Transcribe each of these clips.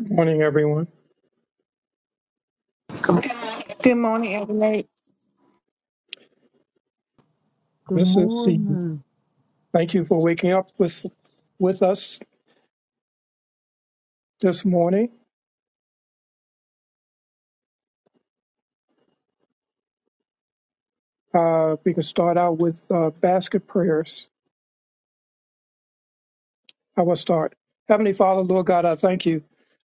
Good Morning, everyone. Good morning, everyone. Good This is the morning. thank you for waking up with with us this morning. Uh, we can start out with uh, basket prayers. I will start. Heavenly Father, Lord God, I thank you.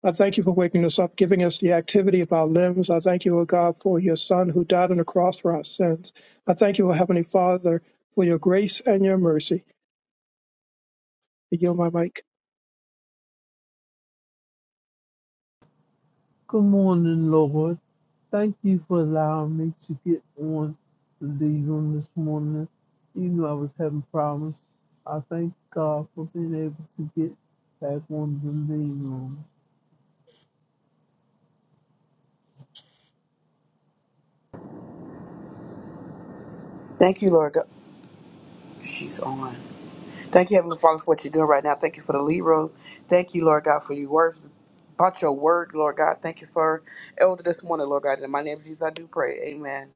I thank you for waking us up, giving us the activity of our limbs. I thank you, O God, for your Son who died on the cross for our sins. I thank you, O Heavenly Father, for your grace and your mercy. I yield my mic. Good morning, Lord. Thank you for allowing me to get on the lead room this morning. Even though I was having problems, I thank God for being able to get back on the lead room. Thank you, Lord God. She's on. Thank you, Heavenly Father, for what you're doing right now. Thank you for the lead room. Thank you, Lord God, for your words. About your word, Lord God. Thank you for Elder this morning, Lord God. In my name, Jesus, I do pray. Amen.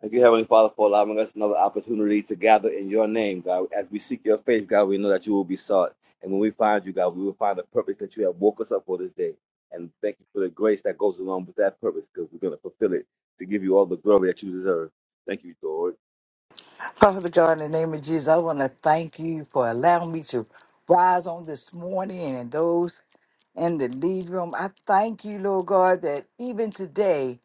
Thank you, Heavenly Father, for allowing us another opportunity to gather in your name, God. As we seek your face, God, we know that you will be sought. And when we find you, God, we will find the purpose that you have woke us up for this day. And thank you for the grace that goes along with that purpose, because we're going to fulfill it to give you all the glory that you deserve. Thank you, Lord. Father God, in the name of Jesus, I want to thank you for allowing me to rise on this morning and those in the lead room. I thank you, Lord God, that even today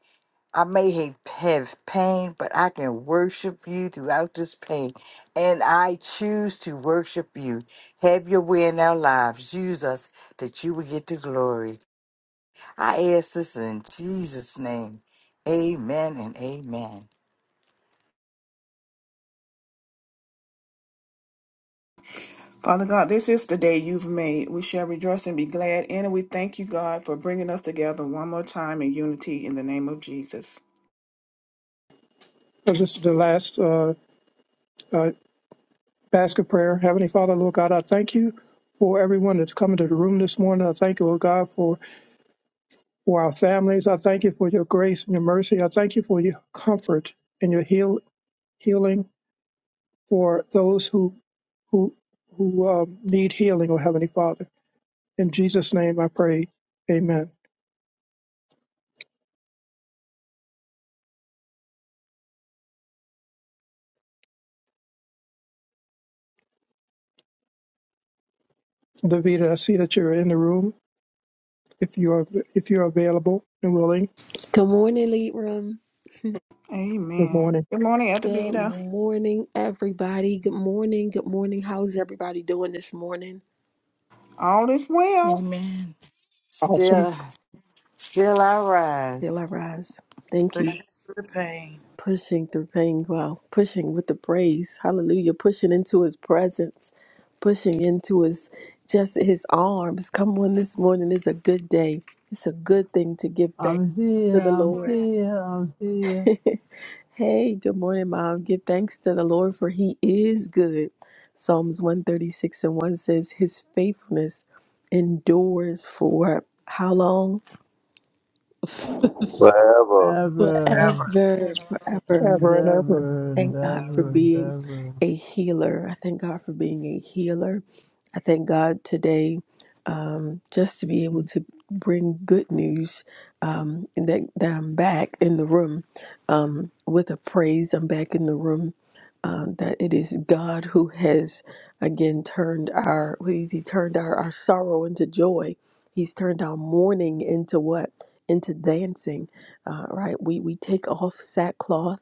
I may ha- have pain, but I can worship you throughout this pain. And I choose to worship you. Have your way in our lives. Use us that you will get the glory. I ask this in Jesus' name. Amen and amen. Father God, this is the day you've made. We shall rejoice and be glad in it. We thank you, God, for bringing us together one more time in unity in the name of Jesus. Uh, This is the last uh, uh, Basket prayer. Heavenly Father, Lord God, I thank you for everyone that's come into the room this morning. I thank you, Lord God, for, for our families. I thank you for your grace and your mercy. I thank you for your comfort and your heal, healing for those who who who um, need healing, oh Heavenly Father. In Jesus' name I pray. Amen. Davida, I see that you're in the room. If you're if you're available and willing, Good morning, Lead Room. good Amen. morning. Good morning, Elder Good Vita. morning, everybody. Good morning. Good morning. How's everybody doing this morning? All is well. Amen. Awesome. Still. Still I Still rise. I rise. Thank Push you. through the pain Pushing through pain. Wow. Pushing with the praise. Hallelujah. Pushing into his presence. Pushing into his just his arms. Come on this morning. is a good day. It's a good thing to give thanks I'm to here, the I'm Lord. here, I'm here, Hey, good morning, Mom. Give thanks to the Lord, for he is good. Psalms 136 and 1 says, His faithfulness endures for how long? Forever. ever forever. Forever. Forever. and Ever and ever ever and Thank God for ever and being ever. a healer. I thank God for being a healer. I thank God today um, just to be able to bring good news um, and that, that I'm back in the room um, with a praise. I'm back in the room. Uh, that it is God who has again turned our what is he turned our, our sorrow into joy. He's turned our mourning into what? Into dancing. Uh, right? We we take off sackcloth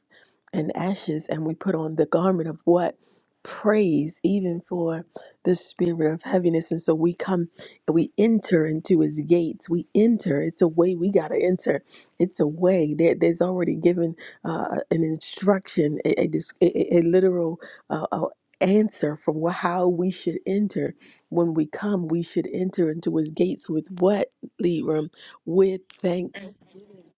and ashes and we put on the garment of what praise even for the spirit of heaviness and so we come and we enter into his gates we enter it's a way we got to enter it's a way there, there's already given uh, an instruction a, a, dis- a, a literal uh, uh answer for wh- how we should enter when we come we should enter into his gates with what lead room with thanks.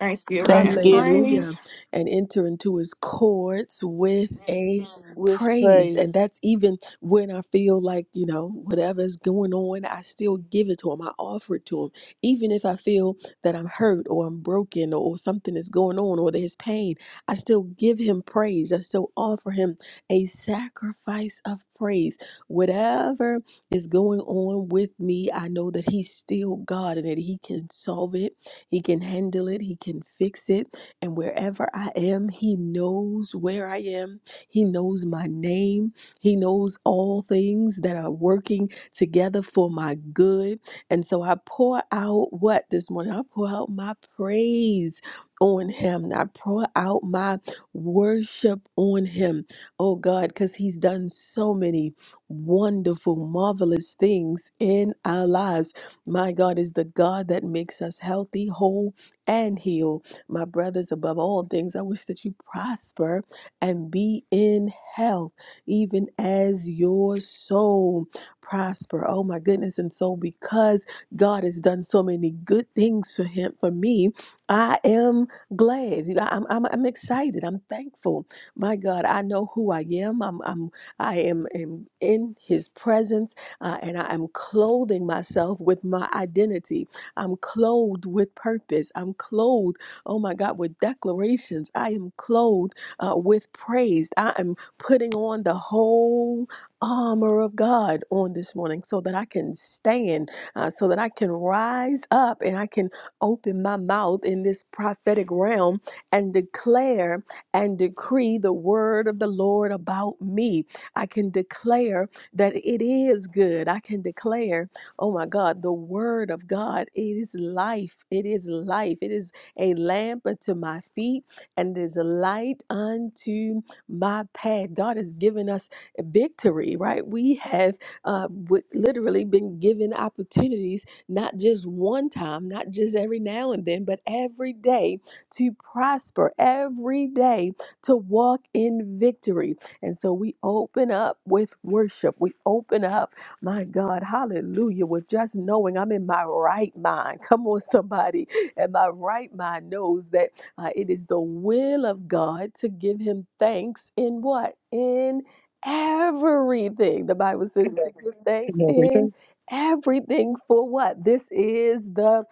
Thanksgiving and thanksgiving Hallelujah. praise. And enter into his courts with a Amen. with praise. And praise that's even when I feel like, you know, whatever's going on, I still give it to him. I offer it to him. Even if I feel that I'm hurt or I'm broken or something is going on or there's pain, I still give him praise. I still offer him a sacrifice of praise. Whatever is going on with me, I know that he's still God and that he can solve it he can handle it, He can fix it. And wherever I am, He knows where I am, He knows my name, He knows all things that are working together for my good. And so I pour out what this morning? I pour out my praise on Him, I pour out my worship on Him, oh God, because He's done so many wonderful, marvelous things in our lives my God is the God that makes us healthy, whole, and heal. My brothers, above all things, I wish that you prosper and be in health, even as your soul prosper. Oh my goodness. And so because God has done so many good things for him, for me, I am glad. I'm, I'm, I'm excited. I'm thankful. My God, I know who I am. I'm, I'm I am, am in his presence uh, and I am clothing myself with my identity. I'm clothed with purpose. I'm clothed, oh my God, with declarations. I am clothed uh, with praise. I am putting on the whole armor of God on this morning so that I can stand, uh, so that I can rise up and I can open my mouth in this prophetic realm and declare and decree the word of the Lord about me. I can declare that it is good. I can declare, oh my God, the word of God, it is life. It is life. It is a lamp unto my feet and it is a light unto my path. God has given us victory, right? We have uh, w- literally been given opportunities, not just one time, not just every now and then, but every day to prosper, every day to walk in victory. And so we open up with worship. We open up, my God, hallelujah, with just knowing I'm in my right mind. Come on, somebody. And my right mind knows that uh, it is the will of God to give him thanks in what? In everything. The Bible says to give thanks and in everything. everything for what? This is the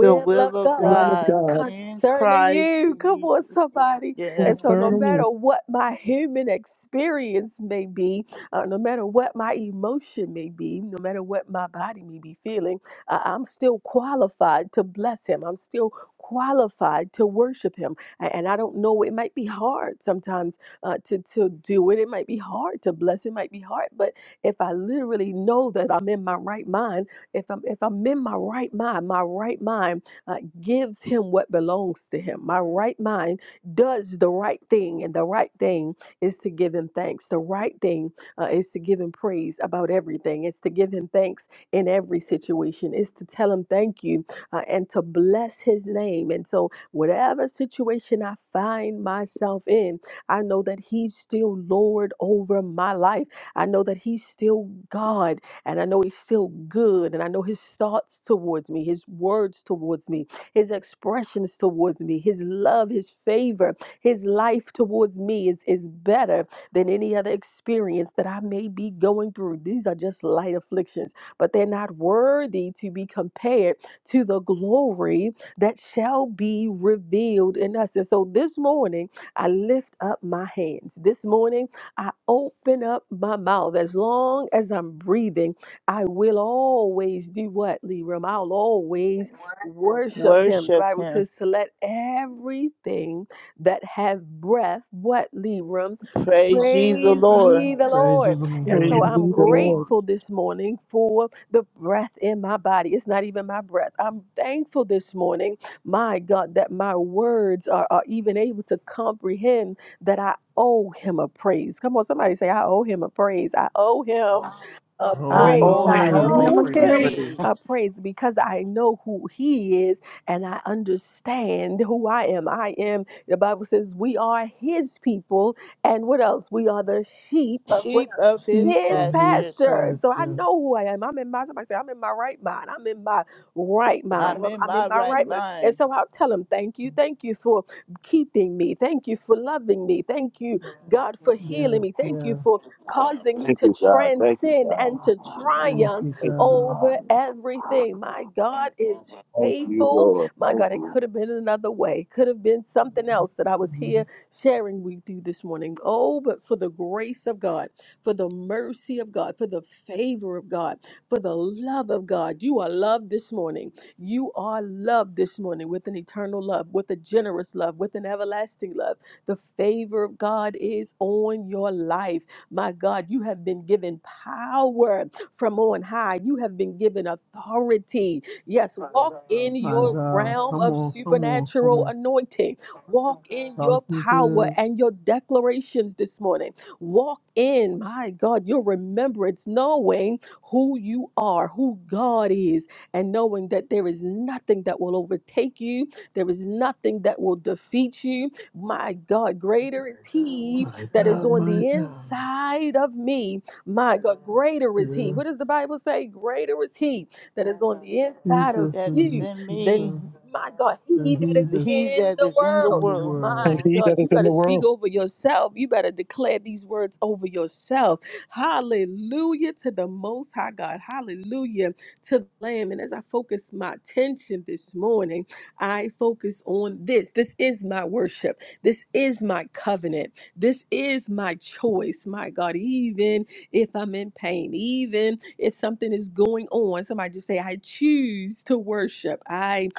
the of will of The God will of god God in concerning christ you. Come on, jesus somebody. And yes so, no concerning you. matter what my human experience may be, uh, no matter what my emotion may be, no matter what my body may be feeling, uh, I'm still qualified to bless Him. I'm still qualified to worship Him. A- And I don't know, it might be hard sometimes uh, to, to do it. It might be hard to bless. It might be hard. But if I literally know that I'm in my right mind, if I'm, if I'm in my right mind, my right mind uh, gives Him what belongs to Him. My right mind does the right thing, and the right thing is to give him thanks. The right thing uh, is to give him praise about everything. It's to give him thanks in every situation. It's to tell him thank you uh, and to bless his name. And so, whatever situation I find myself in, I know that he's still Lord over my life. I know that he's still God, and I know he's still good, and I know his thoughts towards me, his words towards me his expressions towards me, his love, his favor, his life towards me is, is better than any other experience that I may be going through. These are just light afflictions, but they're not worthy to be compared to the glory that shall be revealed in us. And so this morning, I lift up my hands. This morning, I open up my mouth. As long as I'm breathing, I will always do what, Leram? I'll always worship him. The worship Bible him says to let everything that have breath, what, Leram? praise ye the Praise lord ye the Praise the Lord. And Praise so Lord. I'm be the Lord, Lord. grateful this morning for the breath in my body. It's not even my breath. I'm thankful this morning, my God, that my words are, are even able to comprehend that I owe him a praise. Come on, somebody say, I owe him a praise. I owe him a Oh, I i him will praise. owe owe I I him owe him praise. new All him a a owe him praise. praise. praise. a praise praise because I know who he is and I understand who I am. I am, the Bible says, we are his people and what else? We are the sheep of what sheep else? of his Sheep His of his pastures pasture. And so I pasture. know who I am. I'm in my somebody say, I'm in my right mind. I'm in my right mind. i'm I'm in I'm in my my right right mind. And mind so I'll tell him, thank you, thank you for keeping me. Thank you for loving me. Thank you God, for healing Yes, me. Thank you yes. for causing me Thank to you, God. Thank you, transcend God. and to Thank triumph you, Thank you, God. God. over everything. My God is Thank you, faithful. Lord. My Thank God, it you. could have been another way. It could have been something else that I was Mhm. here sharing with you this morning. Oh, but for the grace of God, for the mercy of God, for the favor of God, for the love of God. You are loved this morning. You are loved this morning with an eternal love, with a generous love, with an everlasting love. The favor of God is on your life. My God, you have been given power from on high. You have been given authority. Yes, walk in My your God, realm come of on, come on, come supernatural on. anointing. Walk in your Talking power good. and your declarations this morning. Walk in, my God, your remembrance, knowing who you are, who God is, and knowing that there is nothing that will overtake you, there is nothing that will defeat you my God, greater is He My that is God, on my the God. inside of me. My God, greater is He. What Yes. does the Bible say? Greater is He that is on the He inside of this that is and you in this is, than, uh, me my God, He and that he is this he in that the is in the in world. the world My and world. he that God, you is in better the speak world. over yourself. You better declare these words over yourself. Hallelujah to the Most High God. Hallelujah to the Lamb. And as I focus my attention this morning, I focus on this. This is my worship. This is my covenant. This is my choice, my God. Even if I'm in pain, even if something is going on, somebody just say, I choose to worship. I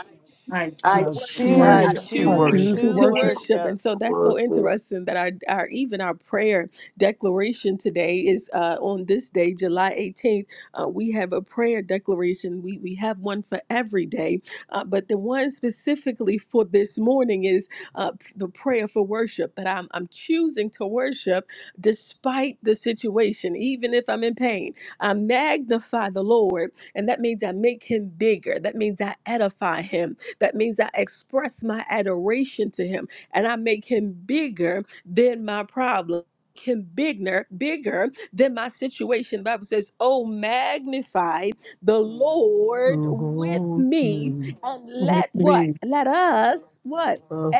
I I I choose to i I choose worship, choose to to I choose choose choose worship. to to to worship worship worship. worship And so The that's word. so says, interesting that our, our even our prayer declaration today is uh, on this day, July 18th. Uh, we have a prayer declaration. We, we have one for every day, uh, but the one specifically for this morning is uh, p- the prayer for worship that I'm, I'm choosing to worship despite the situation, even if I'm in pain. I magnify the Lord, and that means I make him bigger. That means I edify him that means I express my adoration to him and I make him bigger than my problem. make Him bigger, bigger than my situation. The Bible says, Oh, magnify the the Lord with Lord's me name. and with let what? me Let us what? Us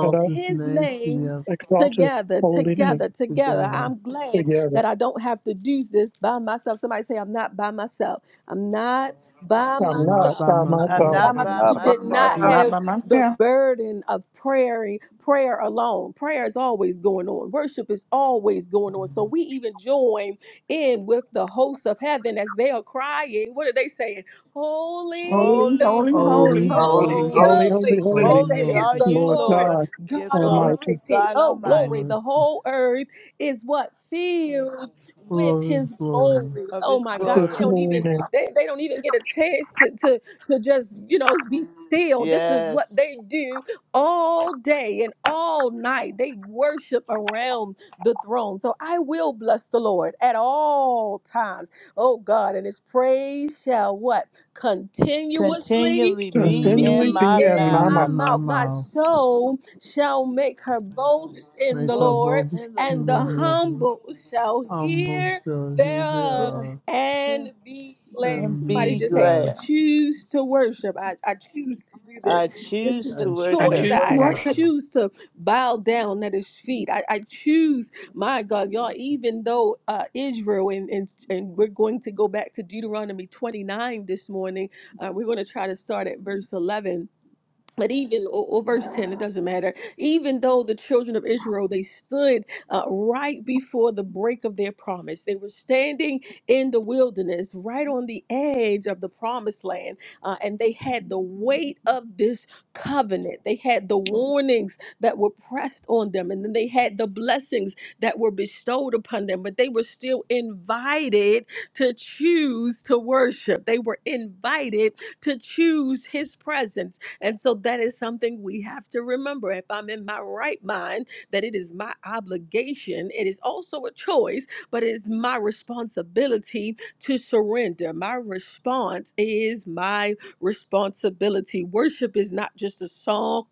that I his his name name together. exalt his together, holy name together, together. together. I'm glad together. that I don't have to do this by myself. Somebody say, I'm not by myself. I'm not by I'm I'm not not myself. by by I'm not Not i'm by myself. myself. I by not my am myself. by You not by did myself not myself. not have by the myself. burden of prayer, prayer alone. Prayer is always going on. Worship is always going on. So we even join in with the hosts of heaven as they are crying. What are they saying? Holy. Holy, Holy, holy, Holy, holy. holy, Holy, Holy, holy, Holy, holy. holy, holy, holy. What do holy. holy, holy, they say? Holy It's are holy. the you, Lord Lord Lord. God Yes, God Lord. Almighty. Almighty. God Oh, glory. Almighty Lord, The whole earth is what filled with glorious his glory. glory. of Oh His my With God. this They glory. don't holy even name they, they don't even get a chance to, to to just, you know, be still. This is what Yes. they do all day and all night. They worship around the throne. So I will bless the Lord at all times. Oh God, and his praise shall what? Continuously Continually to be Singly continually in be be my in in be my mouth. my mouth. in my mouth. My mouth. soul shall make her boast in Make the a Boast Lord, bubble in the and the Lord. syndrome. humble shall I'm hear so here they thereof Yes, are yes. and be glad. And Somebody and be be just had to blessed glad. choose to worship. I, I choose to do this. I This choose is a as to I choice. she worship. choose to I, I Worship worship. sources. choose to bow down at his feet. I, I choose, my God, y'all, even though uh, Israel, and, and, and we're going to go back to Deuteronomy 29 this morning uh, we're going to try to start at verse 11 but even or, or verse 10 it doesn't matter even though the children of israel they stood uh, right before the break of their promise they were standing in the wilderness right on the edge of the promised land uh, and they had the weight of this covenant they had the warnings that were pressed on them and then they had the blessings that were bestowed upon them but they were still invited to choose to worship they were invited to choose his presence and so that is something we have to remember. If I'm in my right mind, that it is my obligation, it is also a choice, but it is my responsibility to surrender. My response is my responsibility. Worship is not just a song.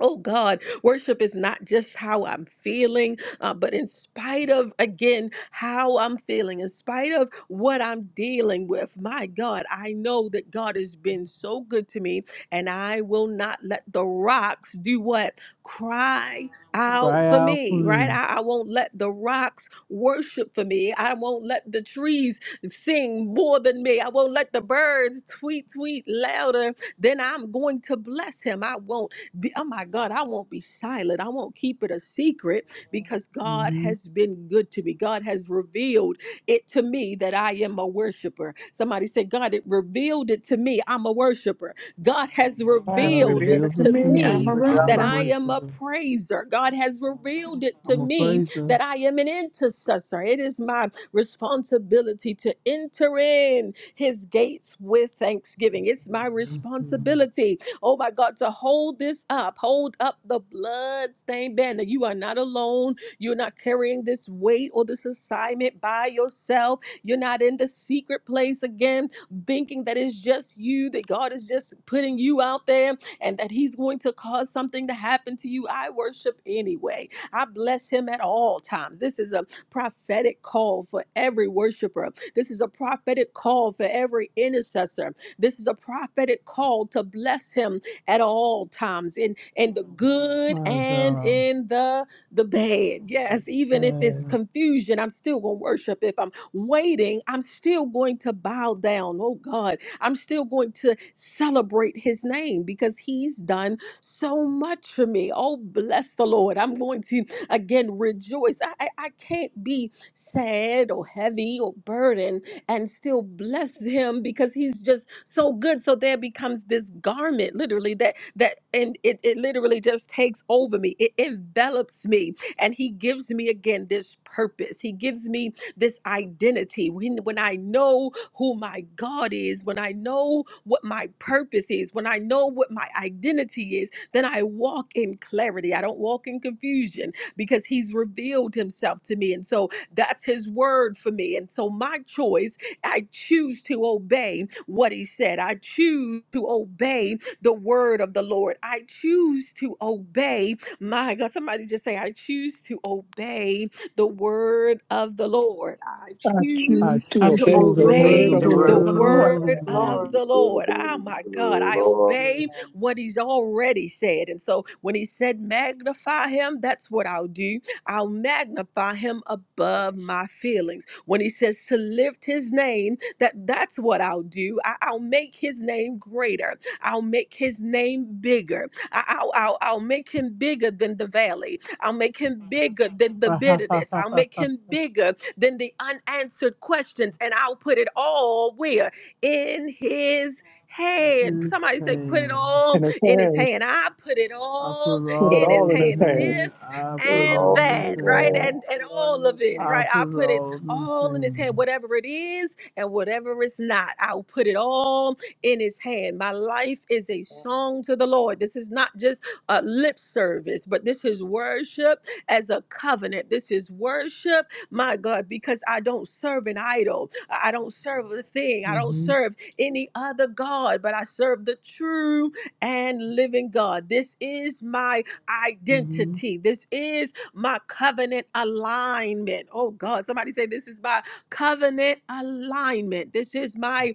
Oh God, worship is not just how I'm feeling, uh, but in spite of, again, how I'm feeling, in spite of what I'm dealing with, my God, I know that God has been so good to me and I will not let the rocks do what? Cry out Cry for out for me, right? me. I, I won't let the rocks worship for me. I won't let the trees sing more than me. I won't let the birds tweet, tweet louder than I'm going to bless him. I won't be, oh my God, I won't be silent. I won't keep it a secret because God Mm-hmm. has been good to me. God has revealed it to me that I am a worshiper. Somebody said, God, it revealed it to me. I'm a worshiper. God has I God revealed revealed it reveals it to it to to me. I'm me me. a but I'm a that the worshiper. I am a worshiper. praiser. God has revealed it to I'm a me praiser. that I am an intercessor. It is my responsibility to enter in his gates with thanksgiving. It's my Thank you. responsibility, oh my God, to hold this up, hold up the bloodstained banner. You are not alone. You're not carrying this weight or this assignment by yourself. You're not in the secret place again thinking that it's just you, that God is just putting you out there and that He's going to cause something to happen to you. I worship anyway. I bless Him at all times. This is a prophetic call for every worshiper. This is a prophetic call for every intercessor. This is a prophetic call to bless Him at all times in in the good My and God. in the the bad. Yes, even if Yeah. it's confusion, I'm still gonna worship. If I'm waiting, I'm still going to bow down. Oh God, I'm still going to celebrate his name because he's done so much for me. Oh, bless the Lord. I'm going to again rejoice. I, I, I can't be sad or heavy or burdened and still bless him because he's just so good. So there becomes this garment literally that that and it, it literally just takes over me. It envelops me and he gives me again this purpose. He gives me this identity. When, when I know who my God is, when I know what my purpose is, when I know what my identity is, then I walk in clarity. I don't walk in confusion because He's revealed Himself to me. And so that's His word for me. And so my choice, I choose to obey what He said. I choose to obey the word of the Lord. I choose to obey. My God, somebody just say, I choose to obey the word of the Lord. I I choose I choose I to choose to to obey choose the to obey word obey the Increase obey of the the your word the word of Lord the of the Lord. word of word the Lord. of Lord. You the said, Lord. Ah, David, my God, I Lord. Yes, obey availability and what he's already said. And so when he said, magnify him, that's what I'll do. I'll magnify him above my feelings. When he says to lift his name, that that's what I'll do. I, I'll make his name greater. I'll make his name bigger. I, I'll, I'll, I'll make him bigger than the valley. I'll make him bigger than the bitterness. yes, I'll yes. make him bigger than the unanswered questions. And I'll put it all where? In his hand. His Somebody say, put it hand. all in his in his hands. hand. I put it I all put Put it in all his all in the his hand. hands. things. This I Good put and all old the that, right? man. things. And and explore all new of it, I right? things. I put put it all the all in his things. hand. Whatever it is and whatever it's not, I'll put it all in his hand. My life is a song to the Lord. This is not just uh, lip service, but this is worship as a covenant. This is worship, my God, because I don't serve an idol. I I don't serve a thing. I don't Mm-hmm. serve any other God, but I serve the true and living God. This is my Mm-hmm. identity. This is my covenant alignment. Oh God, somebody say, This is my covenant alignment. This is my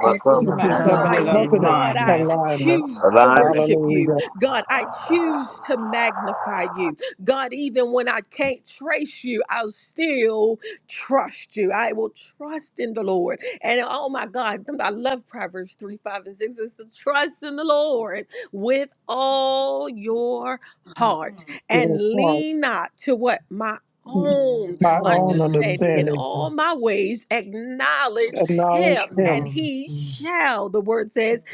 What's This up, We is This are my is man? my covenant covenant of alignment. covenant God, I alignment. alignment. alignment. choose to Alignment worship you. Hallelujah. God, I choose to magnify you. God, even when I can't trace you, I'll still trust you. I will trust in the Lord. And oh my God, I love Proverbs 3, 5, and 6. It's to trust in the Lord with all your heart Mhm. Your and heart, lean not to what? My own My my own own understanding in understanding. all understanding. my ways acknowledge acknowledge him and him, Now he understanding. shall the word says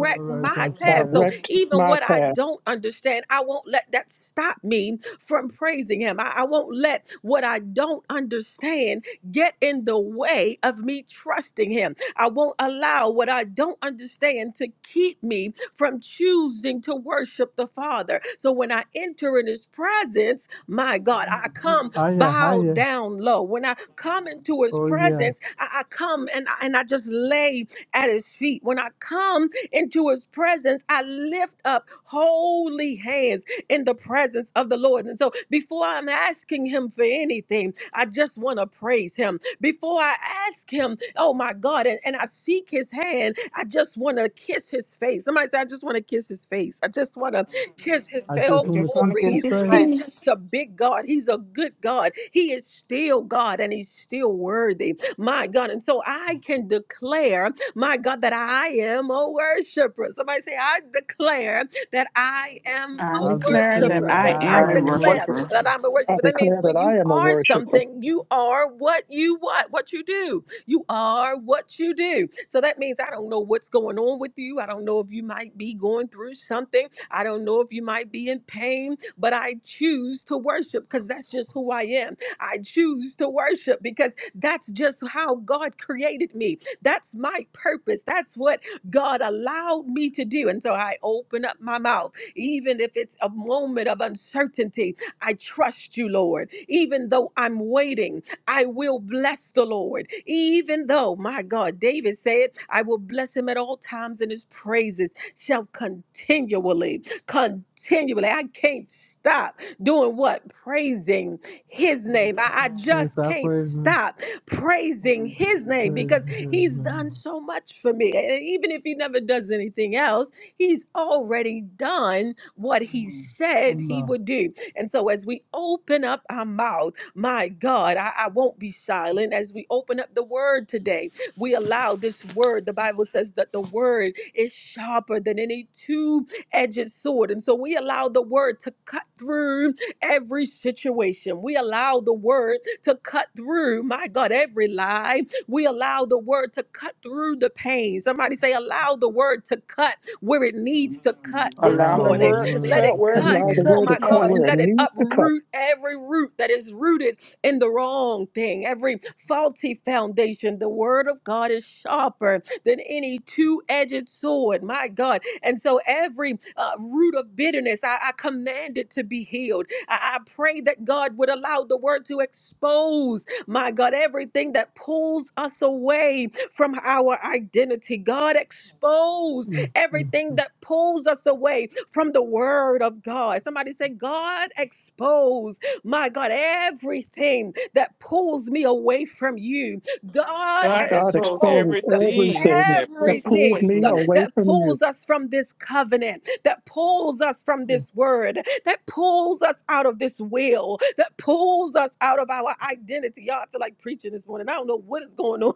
All right, my that path path. so direct even my what i path. don't understand i won't let that stop me from praising him i, I won't let what i don't understand get in the way of me trusting him i won't allow what i don't understand to keep me from choosing to worship the father so when i enter in his presence my God, I come Hiya, bowed hiya. down low. When I come into his Oh, yes. presence, I, I come and I, and I just lay at his feet. When I come into his presence, I lift up holy hands in the presence of the Lord. And so before I'm asking him for anything, I just want to praise him. Before I ask him, oh my God, and, and I seek his hand, I just want to kiss his face. Somebody say, I just want to kiss his face. I just want to kiss his I face. just Oh, I want to just want kiss to glory. Give He's keep his this face. He's praise. just face. a big God. He's a good God. He is still God and he's still worthy. My God. And so I can declare, my God, that I am a worshiper. Somebody say, I declare that I am I a I declare declare that that worshiper. I I I I am a am the am a word. declare worshiper. worshiper. that I'm a I worshiper. That means declare that when you I am a are worshiper. something, you are what you what, what you do. You are what you do. So that means I don't know what's going on with you. I don't know if you might be going through something. I don't know if you might be in pain but I choose to worship because that's just who I am. I choose to worship because that's just how God created me. That's my purpose. That's what God allowed me to do. And so I open up my mouth, even if it's a moment of uncertainty. I trust you, Lord. Even though I'm waiting, I will bless the Lord. Even though, my God, David said, I will bless him at all times, and his praises shall continually continually. I can't stop doing what? Praising his name. I, I And if just I can't praise him, stop praising his name praise because his he's name. done so much for me. And even if he never does anything else, he's already done what he Mhm. said I'm he not would do. And so as we open up our mouth, my God, I, I won't be silent. As we open up the word today, we allow this word. The Bible says that the word is sharper than any 2 edged sword. And so we allow the word to cut through every situation. We allow the word to cut through, my God, every lie. We allow the word to cut through the pain. Somebody say, allow the word to cut where it needs to cut this Allow the allowed the morning. word to Let word it cut to where it cut cut, needs Allow to the oh cut word to this my cut God, and where morning. it let it needs to cut. uproot every root that is rooted in the wrong thing, every faulty foundation. The word of God is sharper than any two edged sword, my God and so every uh, root of bitterness, I, I command it to be healed. I, I pray that God would allow the word to expose, my God, everything that pulls us away from our identity. God, expose everything through. that pulls us away from the word of God. Somebody say, God, expose, my God, everything that pulls me away from you. God, God God expose expose expose everything everything that that feels no pulls way everything me from you. away that from you. pulls us from this covenant, that pulls us from this word, that pulls us out of this will, that pulls us out of our identity. Y'all, I feel like preaching this morning. I don't know what is going on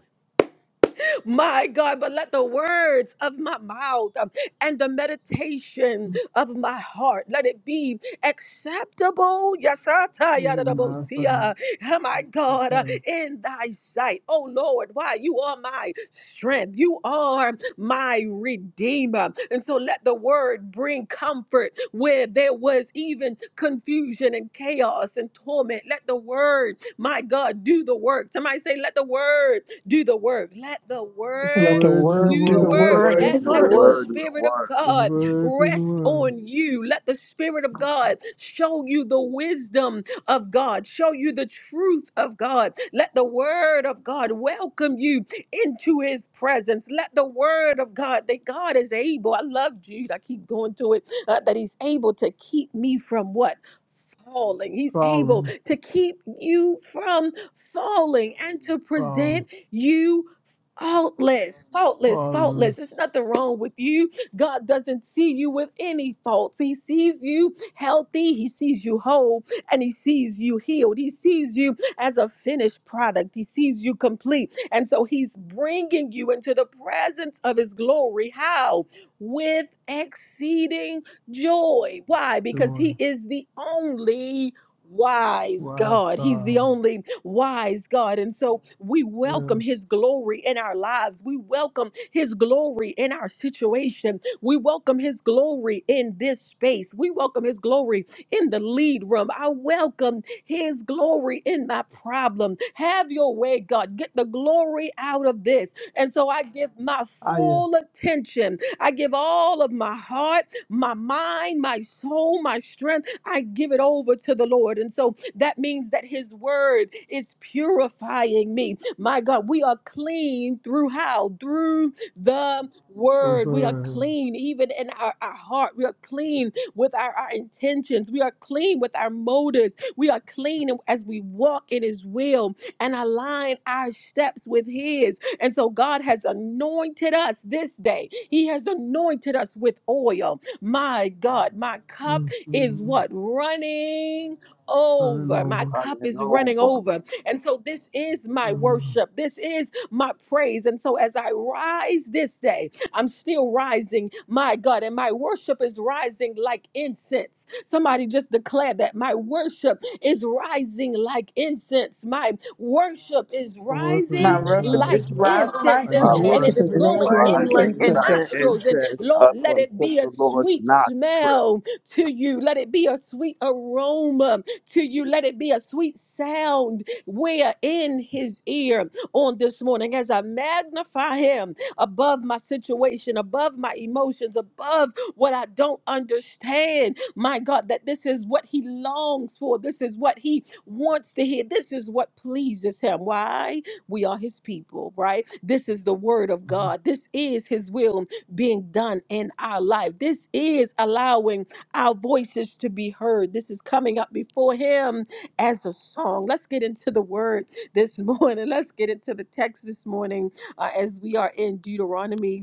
my God, but let the words of my mouth um, and the meditation of my heart, let it be acceptable. Yes, I tell you, Ooh, that I will nice see, sight. uh, oh my Nice God, uh, in thy sight. Oh Lord, why? You are my strength. You are my redeemer. And so let the word bring comfort where there was even confusion and chaos and torment. Let the word, my God, do the work. Somebody say, let the word do the work. Let the and the Let word the word to the word do do the the If word. the The work. work. by word your do word the Let, with is the let the work. the word. word. word of the Spirit of word. The God word to the rest word. on you. Let the Spirit of God show you the wisdom of God, show you the truth of God. Let the Word of God welcome you into His presence. Let the Word of God, that God is able, I love Jude, I keep going to it, uh, that He's able to keep me from what? Falling. He's able Problem. to keep you from falling and to present Problem. you faultless, faultless, faultless. Problem. There's nothing wrong with you. God doesn't see you with any faults. He sees you healthy, He sees you whole, and He sees you healed. He sees you as a finished product, He sees you complete. And so He's bringing you into the presence of His glory. How? With exceeding joy. Why? Because Joy. He is the only wise Wise God. He's the God. only wise God. And so we welcome Yes. His glory in our lives. We welcome His glory in our situation. We welcome His glory in this space. We welcome His glory in the lead room. I welcome His glory in my problem. Have your way, God. Get the glory out of this. And so I give my I am full attention. I give all of my heart, my mind, my soul, my strength. I give it over to the Lord. And so that means that his word is purifying me. My God, we are clean through how? Through the the word. We are word. clean even in our, our heart. We are clean with our, our intentions. We are clean with our motives. We are clean as we walk in his will and align our steps with his. And so God has anointed us this day. He has anointed us with oil. My God, my cup is Mm-hmm. what? Running Running over. My over. cup Running is running over. over. And so this is my Mm-hmm. worship. This is my praise. And so as I rise this day, I'm still rising, my God, and my worship is rising like incense. Somebody just declared that my worship is rising like incense. My worship is A worship rising My and worship like is rising. rising incense like Like and, My My and incense. worship it's is Worship worship incense. is is going rising words in like and like his rising infants, like incense. nostrils. And incense Lord, up let unto it be a the Lord's sweet nostril. smell to you. Let it be a sweet aroma to you. Let it be a sweet sound where in his ear on this morning as I magnify him above my situation, above my emotions, above what I don't understand. My God, that this is what he longs for. This is what he wants to hear. This is what pleases him. Why? We are his people, right? This is the word of Mm-hmm. God. This is his will being done in our life. This is allowing our voices to be heard. This is coming up before Him as a song. Let's get into the word this morning. Let's get into the text this morning uh, as we are in Deuteronomy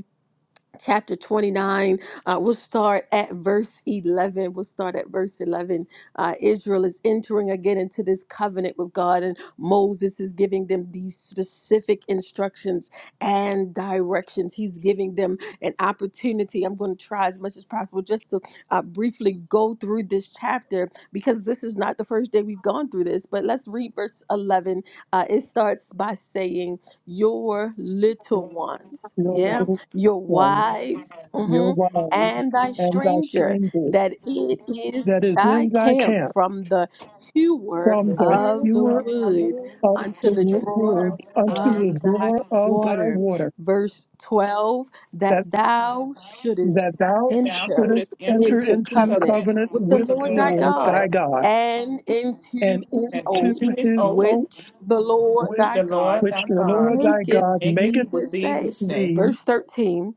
chapter 29 uh, we'll start at verse 11 we'll start at verse 11 uh, israel is entering again into this covenant with god and moses is giving them these specific instructions and directions he's giving them an opportunity i'm going to try as much as possible just to uh, briefly go through this chapter because this is not the first day we've gone through this but let's read verse 11 uh, it starts by saying your little ones your yeah little your ones, wives your mhm, wives, and thy and thy stranger, stranger that it is that is thy in thy camp camp, from the hewer from from The the of hills the hewer of my wood womb of unto the the to wo- the Lord drawer word of my unto water. the of thy drawer of thy water. water Verse 12 that thou shouldest that thou That thou enter shouldest shouldest enter enter into into into covenant covenant covenant with the with with the the Lord thy Lord thy Lord God thy God God, and into and his and into oath, into his his oath which oaths the Lord with thy the God Lord which thy the Lord God thy maketh God maketh maketh thee with this thee day. this day, thee, Verse 13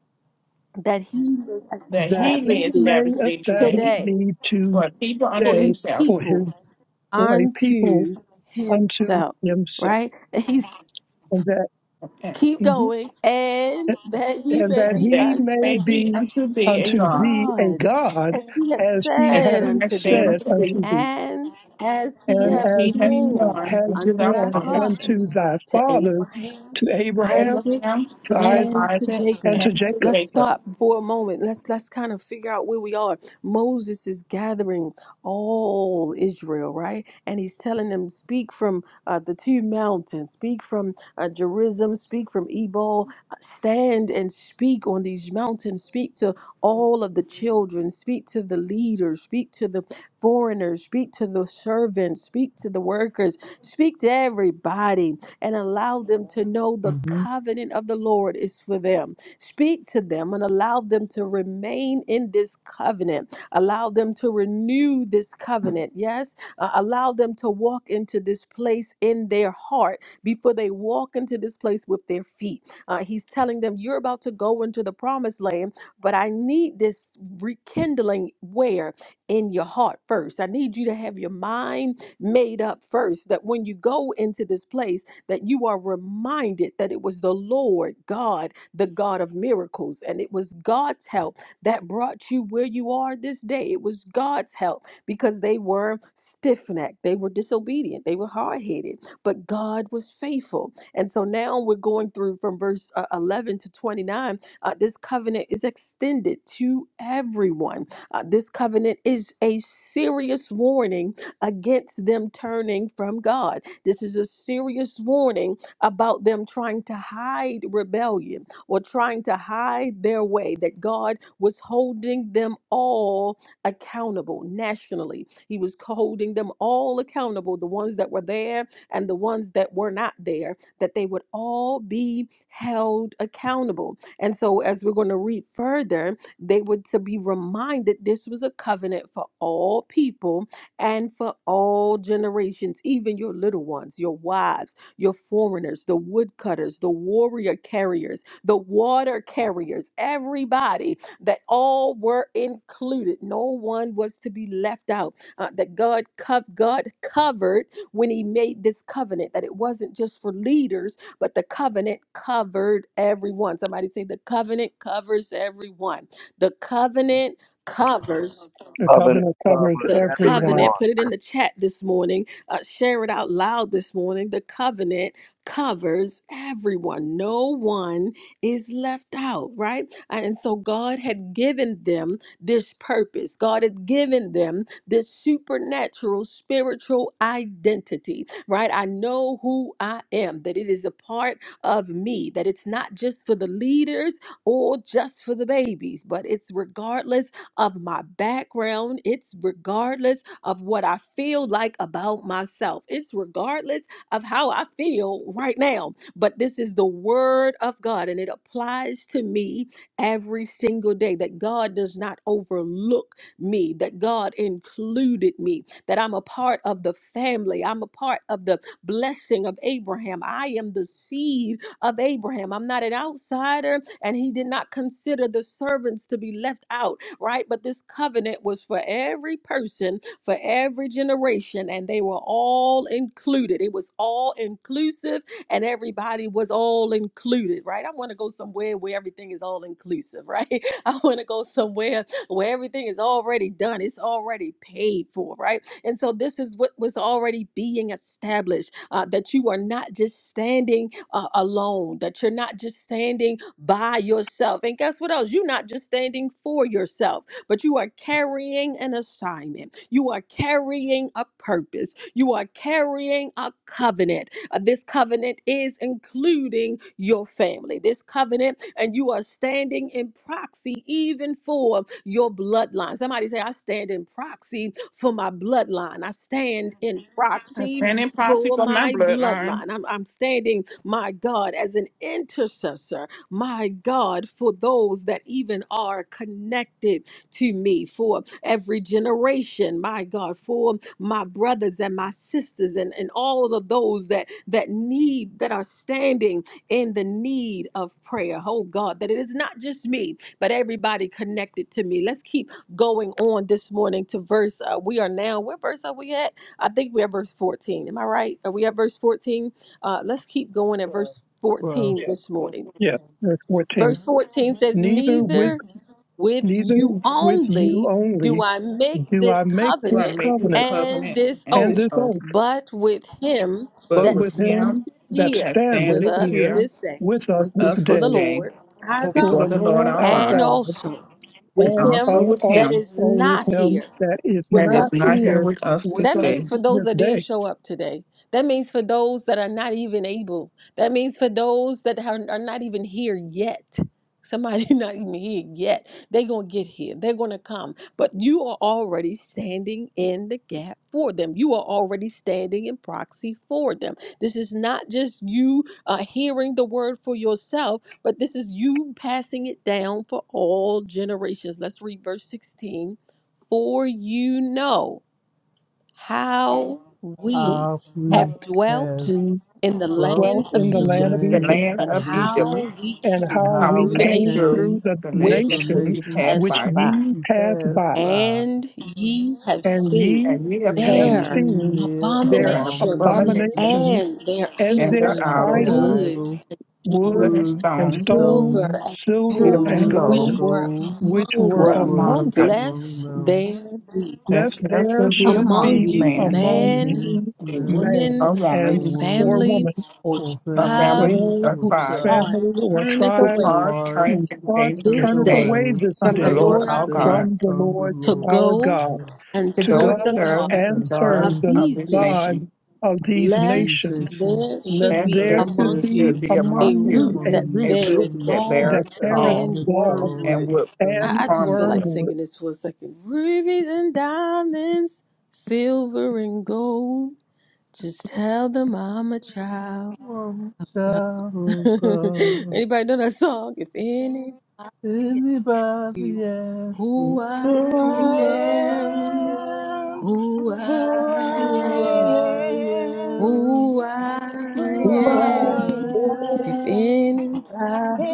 that he may that that he establish he may thee may establish thee today establish today thee to for a people for unto day a himself, for people his for a people unto unto himself. himself, Right? And he's and that keep Mhm. going, and that he and may that and be that he he unto may may be thee be unto thee a A unto God, thee a God, God, as he hath as he as said hath he unto has said thee, said unto thee, unto thee and as he and and as hath as he has he sworn sworn has unto unto thy thy sworn fathers, unto fathers, thy to fathers, Abraham, to to Abraham, Isaac, Abraham, to to Isaac, and to Isaac, and Jacob. to and to Jacob. Let's Jacob. stop for a moment. Let's let's kind of figure out where we are. Moses is gathering all Israel, right? And he's telling them, speak from uh, the two mountains, speak from uh, Gerizim, speak from Ebal, stand and speak on these mountains, speak to all of the children, speak to the leaders, speak to the foreigners, speak to the servants, speak to the workers, speak to everybody, and allow them to know the covenant of the Lord is for them. Speak to them and allow them to remain in this covenant, allow them to renew this covenant. Yes, uh, allow them to walk into this place in their heart before they walk into this place with their feet. Uh, he's telling them, You're about to go into the promised land but I need this rekindling where in your heart first. I need you to have your mind made up first that when you go into this place that you are reminded that it was the Lord God, the God of miracles, and it was God's help that brought you where you are this day. It was God's help because they were stiff-necked, they were disobedient, they were hard-headed, but God was faithful. And so now we're going through from verse uh, 11 to 29 uh, this covenant is extended to everyone. Uh, this covenant is a serious warning against them turning from God. This is a serious warning about them trying to hide rebellion or trying to hide their way, that God was holding them all accountable nationally. He was holding them all accountable, the ones that were there and the ones that were not there, that they would all be held accountable and so, as we're going to read further, they were to be reminded this was a covenant for all people and for all generations, even your little ones, your wives, your foreigners, the woodcutters, the warrior carriers, the water carriers, everybody that all were included. No one was to be left out. Uh, that God, cov- God covered when He made this covenant, that it wasn't just for leaders but the covenant covered everyone. Somebody say, The covenant covers everyone. The covenant covers The Loving covenant covers covers the everyone. everyone. covenant, put it in the chat this morning, uh, share it out loud this morning. The covenant covers everyone, no one is left out, right? And so God had given them this purpose, God had given them this supernatural spiritual identity, right? I know who I am, that it is a part of me, that it's not just for the leaders or just for the babies, but it's regardless of my background. It's regardless of what I feel like about myself. It's regardless of how I feel right now. But this is the word of God and it applies to me every single day that God does not overlook me, that God included me, that I'm a part of the family. I'm a part of the blessing of Abraham. I am the seed of Abraham. I'm not an outsider, and he did not consider the servants to be left out right? But this covenant was for every person, for every generation, and they were all included. It was all inclusive, and everybody was all included, right? I want to go somewhere where everything is all inclusive, right? I want to go somewhere where everything is already done, it's already paid for, right? And so this is what was already being established uh, that you are not just standing uh, alone, that you're not just standing by yourself. And guess what else? You're not just standing for yourself, but you are carrying an assignment. You are carrying a purpose you are carrying a covenant. Uh, This covenant is including your family. This covenant, and you are standing in proxy even for your bloodline. Somebody say, I stand in proxy for my bloodline. I stand in I proxy stand in proxy for for my my bloodline, bloodline. I'm, I'm standing, my God, as an intercessor, my God, for those that even are connected to me for every generation my god for my brothers and my sisters and, and all of those that that need that are standing in the need of prayer oh god that it is not just me but everybody connected to me let's keep going on this morning to verse uh, we are now what verse are we at i think we're at verse 14 am i right are we at verse 14 uh let's keep going at verse Twelve. 14 this morning Yes, verse verse 14. 14 says Neither with neither with neither you with you only do only I make do I this make do I this covenant make this covenant and covenant this and and this oath, this oath, oath, but with him but but that with with standeth him him that here that with standeth standeth us here here this day with us with this us before day this the day Lord our before before the God, the Lord Lord our our and God, God, also and with and him also with that also him is with not him here that is that with not is us this not here day. here with us with this That us day. means for those this that day didn't show up today. That means for those that are not even able. That means for those that are, are not even here yet. Somebody not even here yet. They're going to get here. They're going to come. But you are already standing in the gap for them. You are already standing in proxy for them. This is not just you uh, hearing the word for yourself, but this is you passing it down for all generations. Let's read verse 16 for you know how w- we How How we have dwelt have we in the dwelt dwelt land of in in the the land Egypt of The Egypt, land land and of of Egypt, Egypt. how we and and came and how how how we we through we the came came nations through through came the the through the nations which which nation we you nation passed passed which by, which by, ye you passed passed by, by. and ye have and seen ye and we have You have have seen their seen seen their their their abominations abomination abomination abominations and their and and their their idols, and their idols, idols, wood, idol, wood wood and stone, wood and and stone, stone, silver, stone, and silver silver gold, and and silver which gold, and gold, were gold, which which among were which were them, among among were them, them. among lest them. there be. Lest lest there there should be should among among you be you You man know, among man me, you or men, man woman a or or woman, and or women, family woman or or a tribe family, family, or or or whose tribe, tribe, heart family or turneth whose tribe away heart heart, turneth whose away hearts and this this the turneth day day away way this from from the the day Lord to Lord our our stay God, God from the from the Lord to Lord our our go God, God and to to go go and serve the serve God and the and serve of gods sins. the of these this God nations, nation, of these these lest nations, nations there lest should lest be that there there should there among be you should should be be a among among root you you a that among a root you root beareth every that gall that beareth beareth all and heavenly gall thorn. and wormwood. would And and I, I just feel like wormwood. wormwood, singing this for a second. Rubies and diamonds, silver and gold. Just tell them I'm a child. one shall go. Anybody know that song? If anybody asks Anybody you ask me who Who I who I am, I am, am, who who I who am, I I am, am, who I who who who all I am. I If am. am.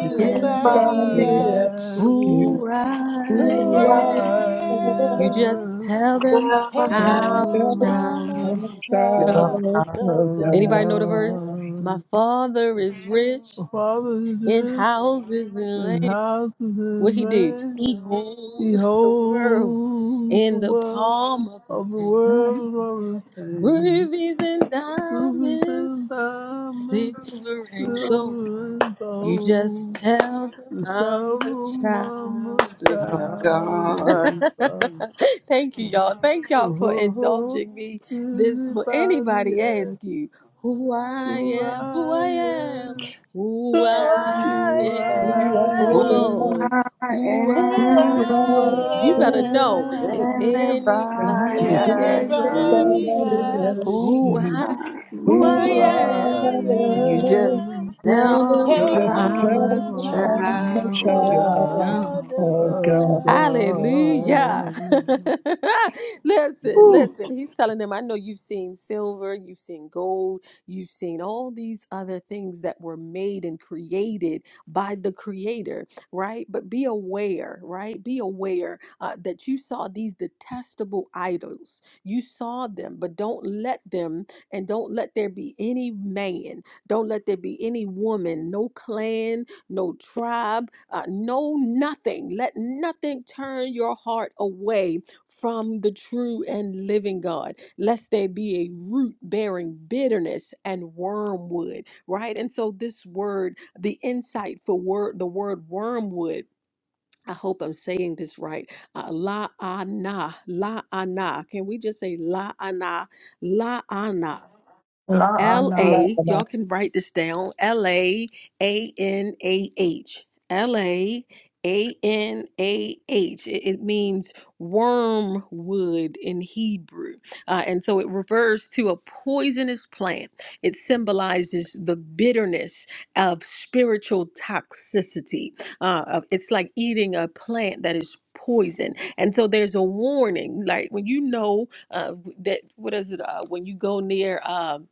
is asks everybody Body you asks ask me you, you who I who who who all I am, you I am, just am, tell them heaven tell I'm tell else 'em them I'm a I'm and a a a child above child child. child of of God, Anybody know the verse? God. My Um, father is rich my father is in rich houses and and land. houses What in he do? vain. He holds the world Behold, the in the wealth palm of his of the hand. world is my retain. Rubies and Rubies diamonds, and diamonds, silver and silver gold. and You just gold. tell them The I'm a sound of my child of God. child God of God. Thank you, y'all. Thank y'all for Oh, indulging me. This will anybody anybody ask ask you who I who am, who I I am, am, Who who I am I who am. who I Oh who am, all Lord, am. I who who I child? am. Who am. You I better know if I am, am. everybody Everybody anybody asks asks me Anybody you asks asks who who you I I who I who who am. am. I I You just am, am. tell Now tell them Tell I'm I'm with a 'em 'em I'm I'm a a child sorrow. of child child God. of Oh God, of God. Hallelujah. God. listen, God. Ooh, listen. He's telling them, I know you've seen silver, you've seen gold, you've seen all these other things that were made and created by the Creator, right? But be aware, right? Be aware uh, that you saw these detestable idols. You saw them, but don't let them and don't let there be any man. Don't let there be any woman, no clan, no tribe, uh, no nothing. Let nothing turn your heart away from the true and living God, lest there be a root bearing bitterness and wormwood, right? And so, this word, the insight for word, the word wormwood. I hope I'm saying this right. Uh, la ana, la ana. Can we just say la ana, la ana? L La'ana. not A, my y'all can write this down. L A A N A H. L A A N A H. It, it means wormwood in Hebrew. Uh, and so it refers to a poisonous plant. It symbolizes the bitterness of spiritual toxicity. Uh, of- it's like eating a plant that is poison. And so there's a warning. Like when you know uh, that, what is it? Uh, when you go near. Um,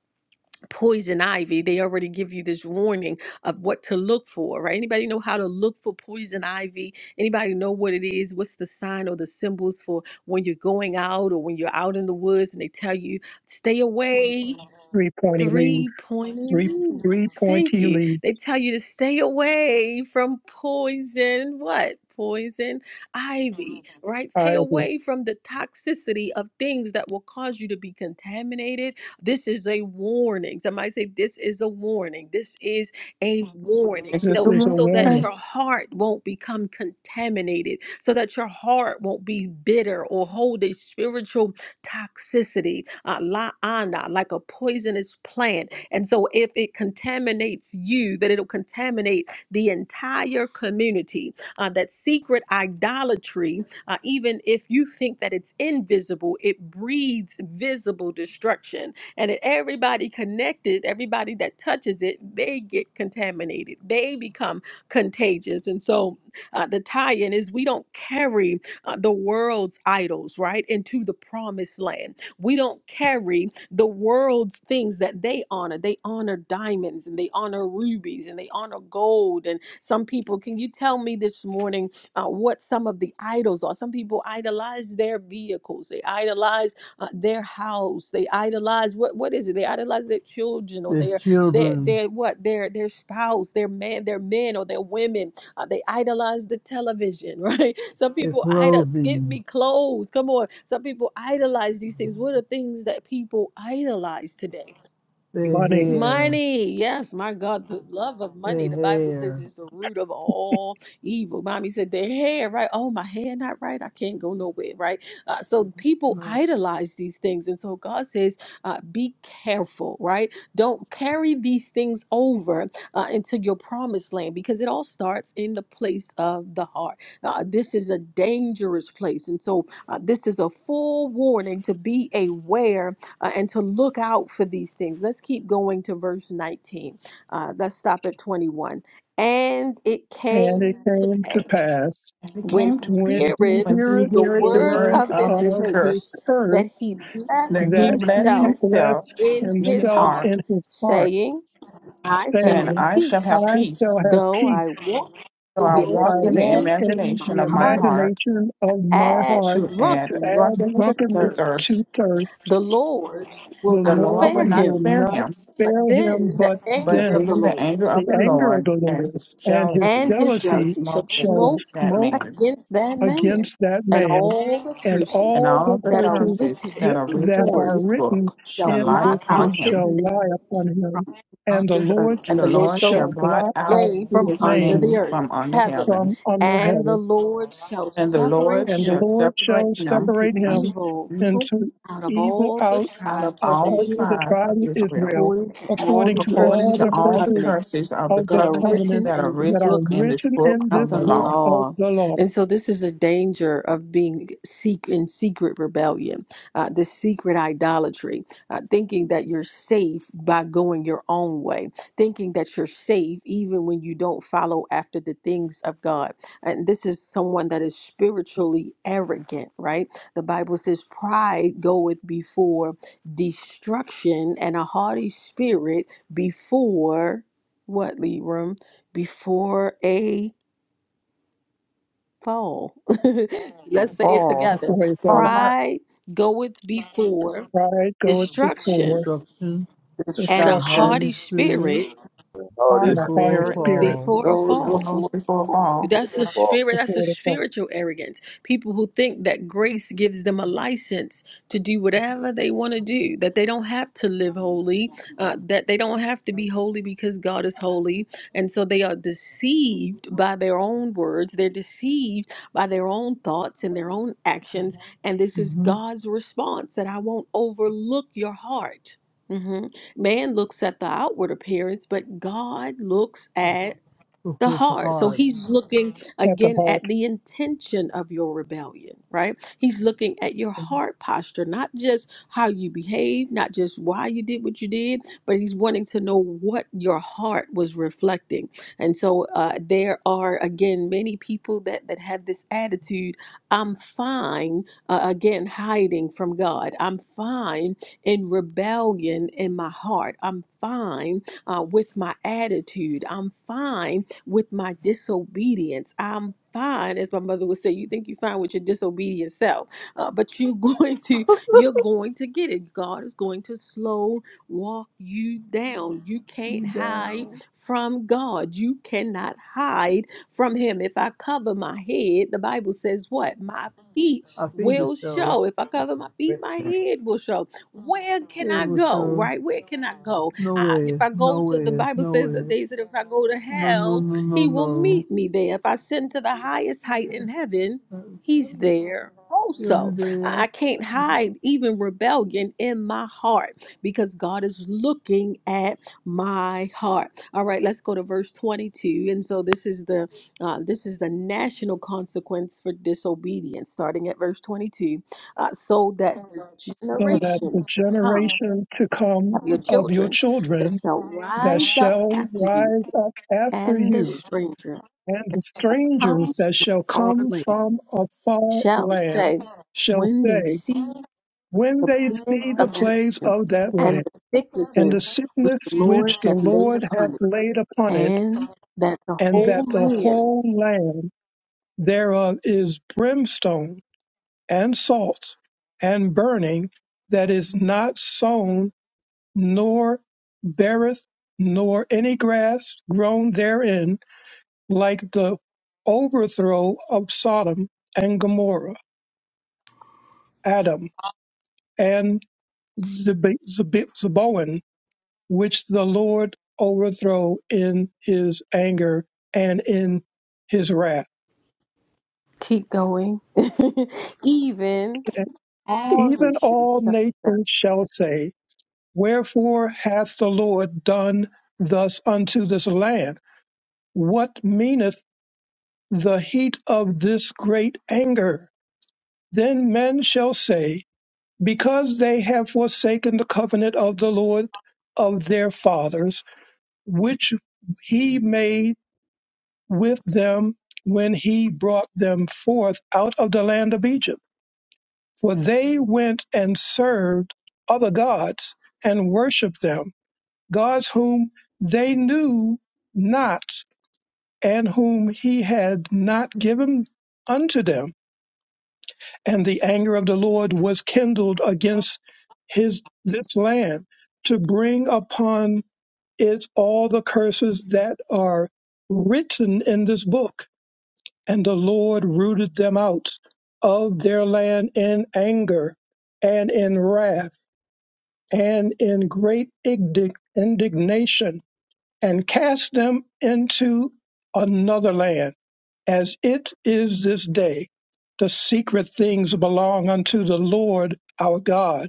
poison ivy they already give you this warning of what to look for right anybody know how to look for poison ivy anybody know what it is what's the sign or the symbols for when you're going out or when you're out in the woods and they tell you stay away three pointy leave. three pointed Three three leaves. Thank pointy you. leave. They tell you to stay away from poison, what? Poison ivy, right? Stay Ivy. away from the toxicity of things that will cause you to be contaminated this is a warning. Somebody say, This is a warning. This is a warning. This This is So, a is a so that warning. your warning. heart won't become contaminated, so that your heart won't be bitter or hold a spiritual toxicity, uh, la ana, like a poisonous plant. And so, if it contaminates you, that it'll contaminate the entire community. Uh, that secret idolatry, uh, even if you think that it's invisible, it breeds visible destruction and that everybody connected, everybody that touches it, they get contaminated. They become contagious. And so uh, the tie in is we don't carry uh, the world's idols, right, into the promised land. We don't carry the world's things that they honor. They honor diamonds and they honor rubies and they honor gold. And some people, can you tell me this morning uh, what some of the idols are? Some people idolize their vehicles, they idolize uh, their house. They idolize what what is it? They idolize their children or the their their children, their what their their spouse, their man, their men or their women. Uh, they idolize the television, right? Some their people idol give clothing, me clothes. Come on, some people idolize these things. What are things that people idolize today? their Money. hair, Money, yes, my God, the love of their money. The Bible says hair. is the root of all evil. Mommy said their hair, right? Oh, my hair not right. I can't go nowhere, right? Uh, so people No. idolize these things, and so God says, uh, be careful, right? Don't carry these things over uh, into your promised land because it all starts in the place of the heart. Uh, this is a dangerous place, and so uh, this is a full warning to be aware uh, and to look out for these things. Let's keep going to verse 19. Uh, let's stop at 21. And it And it came to came to pass pass And it when came to he when us he heareth when heareth he the the heareth the words words word of this of this of this curse curse, curse that he that blessed he that blessed he himself himself blessed in in his his himself heart, heart, in his heart. saying, I shall saying, saying, have I shall have peace, I peace shall have though I peace, walk So in I the though walk I in the walk imagination of in my imagination the of my heart, heart imagination of my add heart to add to add drunkenness to drunkenness to drunkenness thirst. to thirst. thirst. The Lord will The The not Lord Lord will spare not him will spare not him, But spare him, then the but but anger of the then then the Lord anger the of the anger of Lord the and Lord his and his jealousy and his shall jealousy jealousy shall smoke shall against smoke that smoke man. against that man, against that and man all the and curses And all the all the that are curses written curses in that that, are the written that in are this Lord's written book shall shall in lie blot this book upon out his him. shall name lie upon him from and the under the lord earth. And And the the Lord Lord shall shall shall blot blot out out name his from his under name the name earth, from under heaven, from heaven. under and the heaven Lord shall And the Lord separate and the shall him lord separate shall him unto separate unto him evil evil into out of evil all the out out of tribes of of all the all Israel, the tribes tribe of of Israel israel according to all according the to according all curses to the of the all the curses covenant curses of the of that the are covenant covenant written that are in the that are written book in this written book in of of this the the Mhm. book law. of law. the law. And so this is the danger of being seek in secret rebellion, uh, this secret idolatry, uh, thinking that you're safe by going your own way, thinking that you're safe even when you don't follow after the things of God. And this is someone that is spiritually arrogant, right? The Bible says pride goeth before destruction and a haughty spirit before what, Leroom? Before a fall. Let's say it All That's the together. way it For goes. the heart, Pride goeth before Right, go to the destruction, Instruction and and a the instruction destruction Holy haughty Spirit spirit Not heart and of a hearty before spirit even spirit Paul. before a goes that fall. rose before before fall, That's the the spirit. That's the before the spiritual arrogance. People who think that grace gives them a license to do whatever they want to do, that they don't have to live holy, uh, that they don't have to be holy because God is holy. And so they are deceived by their own words, they're deceived by their own thoughts and their own actions. Mhm. And this is hmm God's response that I won't overlook your heart. Mhm. Man looks at the outward appearance, but God looks at Look the the heart. So heart. he's looking at the again at heart, the intention of your rebellion, right? He's looking at your heart posture, not just how you behave, not just why you did what you did, but he's wanting to know what your heart was reflecting. And so uh, there are again many people that that have this attitude. I'm fine uh, again hiding from God. I'm fine in rebellion in my heart. I'm fine uh, with my attitude. I'm fine with my disobedience. I'm fine, as my mother would say. You think you're fine with your disobedient self, uh, but you're going to you're going to get it. God is going to slow walk you down. You can't you hide down. from God. You cannot hide from Him. If I cover my head, the Bible says what? My feet I figure will so. show. If I cover my feet, with my me. head will show. Where can It I was go? so Right? Where can I go? I, if nowhere, I go to the nowhere, Bible says that nowhere. they said if I go to No, no, hell, no, no, he will no. meet me there. If I ascend to the highest height Yeah, in heaven, I'm he's sorry. there you'll be also. I there. I can't hide even rebellion in my heart because God is looking at my heart. All right, let's go to verse 22. And so this is the uh, this is the national consequence for disobedience starting at verse 22 uh, so that the so that the generations to come generation to come of your of your children that children shall that rise up shall after you, rise up after and the you, stranger and the coming strangers that shall or come land from a far shall land say, shall when they say, see when the they see plagues the of that plagues land of that and land, the and the sicknesses which sickness the Lord which the hath laid Lord hath upon it, laid upon it, and that the and that whole the land whole land thereof is brimstone, and salt and burning that is not sown nor beareth nor any grass grown therein like the overthrow of Sodom and Gomorrah, Adam and Zeb- Zeb- Zeboim, which the Lord overthrow in his anger and in his wrath. keep going, even And all even nations. all nations shall say, Wherefore hath the Lord done thus unto this land? What meaneth the heat of this great anger? Then men shall say, Because they have forsaken the covenant of the Lord of their fathers, which he made with them when he brought them forth out of the land of Egypt. For they went and served other gods and worshiped them gods whom they knew not, and whom he had not given unto them. And the anger of the Lord was kindled against his this land to bring upon it all the curses that are written in this book. And the Lord rooted them out of their land in anger and in wrath and in great indig- indignation and cast them into another land, as it is this day. The secret things belong unto the Lord our God,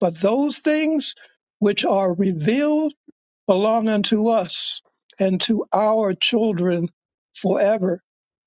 but those things which are revealed belong unto us and to our children forever,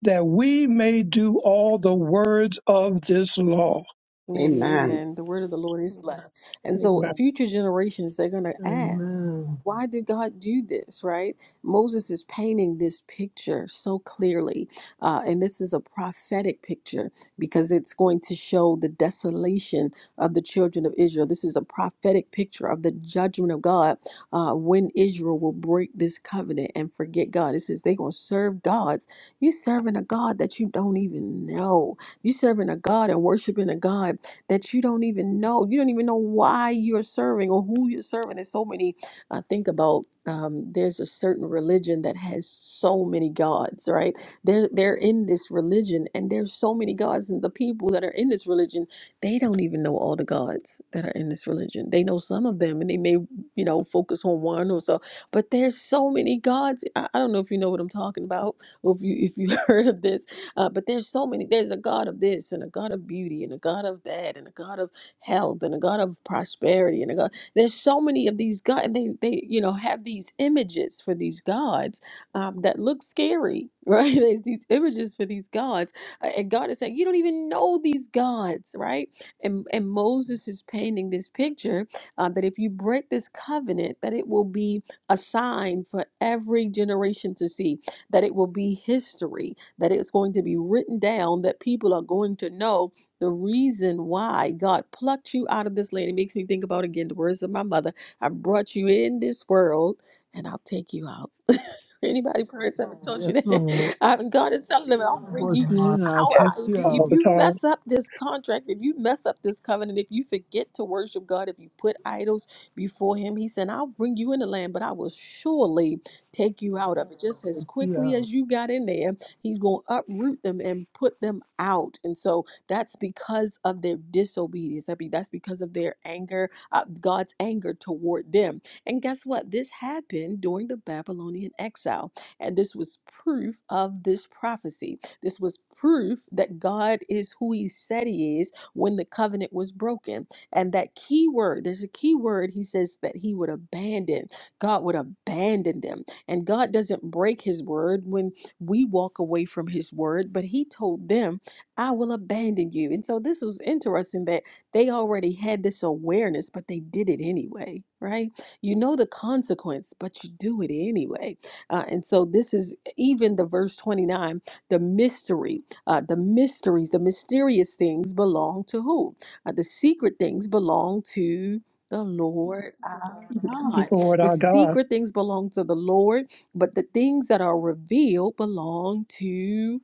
that we may do all the words of this law. Lady, Amen. amen. The word of the Lord is blessed. And so Amen. future generations, they're going to ask, Amen. why did God do this, right? Moses is painting this picture so clearly. Uh, and this is a prophetic picture because it's going to show the desolation of the children of Israel. This is a prophetic picture of the judgment of God uh, when Israel will break this covenant and forget God. It says they're going to serve gods. You're serving a God that you don't even know. You're serving a God and worshiping a God that you don't even know. You don't even know why you're serving or who you're serving. There's so many. I think about um, there's a certain religion that has so many gods, right? They're they're in this religion, and there's so many gods, and the people that are in this religion, they don't even know all the gods that are in this religion. They know some of them, and they may you know focus on one or so, but there's so many gods. I, I don't know if you know what I'm talking about, or if you if you heard of this uh, but there's so many. There's a God of this and a God of beauty and a God of that and a God of health and a God of prosperity and a God. There's so many of these gods. and They they you know have these images for these gods um, that look scary, right? There's these images for these gods, uh, and God is saying you don't even know these gods, right? And and Moses is painting this picture uh, that if you break this covenant, that it will be a sign for every generation to see that it will be history, that it's going to be written down, that people are going to know the reason why God plucked you out of this land. It makes me think about again the words of my mother I brought you in this world and I'll take you out. Anybody parents ever told you Yes, Lord. that? Um, God is telling them, I I'll bring brought you you in. I'll out. I- take If, Yes, you All if out. the you time, mess up this contract, if you mess up this covenant, if you forget to worship God, if you put idols before Him, He said, I'll bring you in the land, but I will surely take you out of it. Just Take as you quickly out. as you got in there, he's going to uproot them and put them out. And so that's because of their disobedience. I mean, that's because of their anger, uh, God's anger toward them. And guess what? This happened during the Babylonian exile. And this was proof of this prophecy. This was proof that God is who he said he is when the covenant was broken. And that key word, there's a key word, he says that he would abandon, God would abandon them and God doesn't break his word when we walk away from his word, but he told them, I will abandon you. And so this was interesting that they already had this awareness, but they did it anyway, right? You know the consequence, but you do it anyway. Uh, and so this is even the verse 29 the mystery, uh, the mysteries, the mysterious things belong to who? Uh, the secret things belong to the Lord our God. Lord The our God, secret things belong to the Lord, but the things that are revealed belong to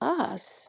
us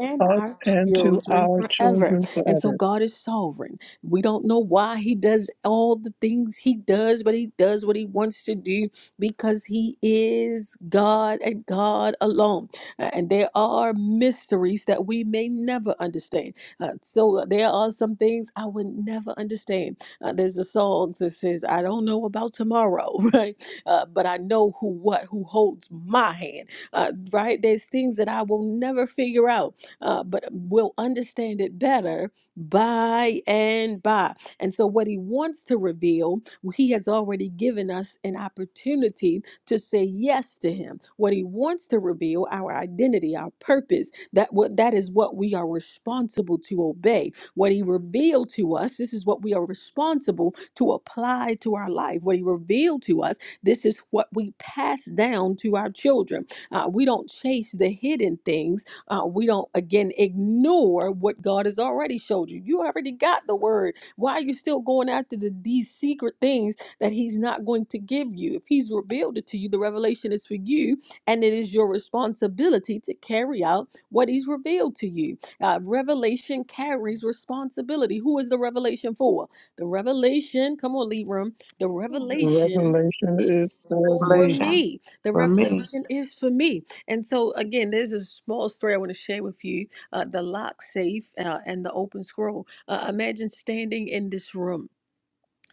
and us our and to children our forever. children And forever. so God is sovereign. We don't know why he does all the things he does, but he does what he wants to do because he is God and God alone. Uh, And there are mysteries that we may never understand. Uh, so there are some things I would never understand. Uh, there's a song that says, I don't know about tomorrow, right? Uh, but I know who what who holds my hand uh, right? There's things that I will never figure out, uh, but will understand it better by and by. And so, what he wants to reveal, he has already given us an opportunity to say yes to him. What he wants to reveal, our identity, our purpose, that what that is what we are responsible to obey. What he revealed to us, this is what we are responsible to apply to our life. What he revealed to us, this is what we pass down to our children. Uh, we don't chase the hidden things. Uh, we don't, again, ignore what God has already showed you. You already got the word. Why are you still going after the, these secret things that He's not going to give you? If He's revealed it to you, the revelation is for you, and it is your responsibility to carry out what He's revealed to you. Uh, revelation carries responsibility. Who is the revelation for? The revelation, come on, Libram, the The revelation is revelation is for for me. revelation. me. The For me, revelation is for me. And so, again, there's a small story I want to share with you uh, the lock safe uh, and the open scroll. Uh, imagine standing in this room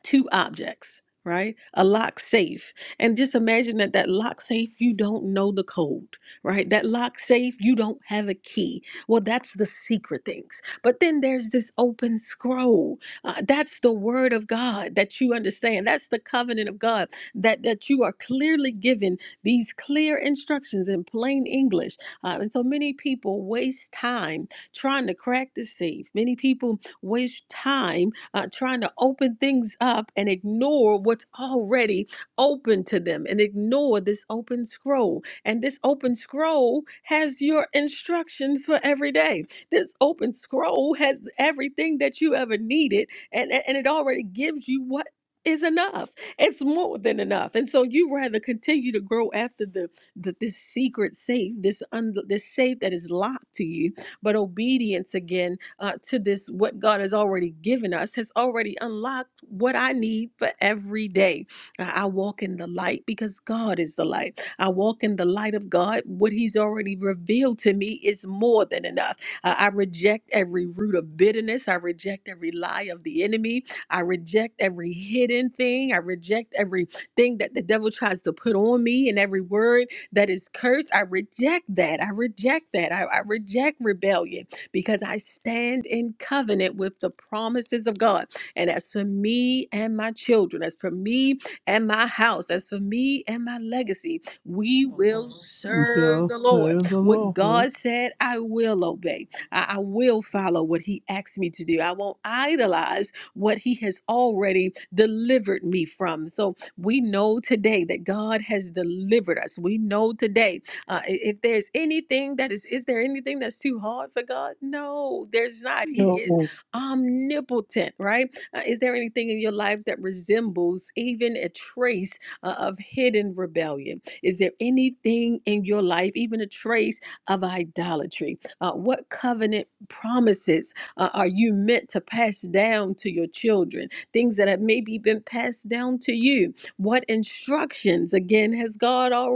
two objects, right? A lock safe. And just imagine that that lock safe, you don't know the code, right? That lock safe, you don't have a key. Well, that's the secret things. But then there's this open scroll. Uh, that's the word of God that you understand. That's the covenant of God that, that you are clearly given these clear instructions in plain English. Uh, and so many people waste time trying to crack the safe. Many people waste time uh, trying to open things up and ignore what's already open to them and ignore this open scroll. And this open scroll has your instructions for every day. This open scroll has everything that you ever needed, and, and and it already gives you what is enough. It's more than enough. And so you rather continue to grow after the, the this secret safe, this un, this safe that is locked to you. But obedience again uh, to this, what God has already given us has already unlocked what I need for every day. I I walk in the light because God is the light. I walk in the light of God. What He's already revealed to me is more than enough. Uh, I reject every root of bitterness. I reject every lie of the enemy. I reject every hidden thing. I reject everything that the devil tries to put on me and every word that is cursed. I reject that. I reject that. I, I reject rebellion because I stand in covenant with the promises of God. And as for me and my children, as for me and my house, as for me and my legacy, we will We serve shall the Lord. serve the What Lord. God said, I will obey. I, I will follow what He asks me to do. I won't idolize what He has already delivered me from. So we know today that God has delivered us. We know today uh, i- if there's anything that is, is there anything that's too hard for God? No, there's not. He is No, omnipotent, right? Uh, is there anything in your life that resembles even a trace uh, of hidden rebellion? Is there anything in your life, even a trace of idolatry? Uh, what covenant promises uh, are you meant to pass down to your children? Things that have maybe been passed down to you. What instructions, again, has God already?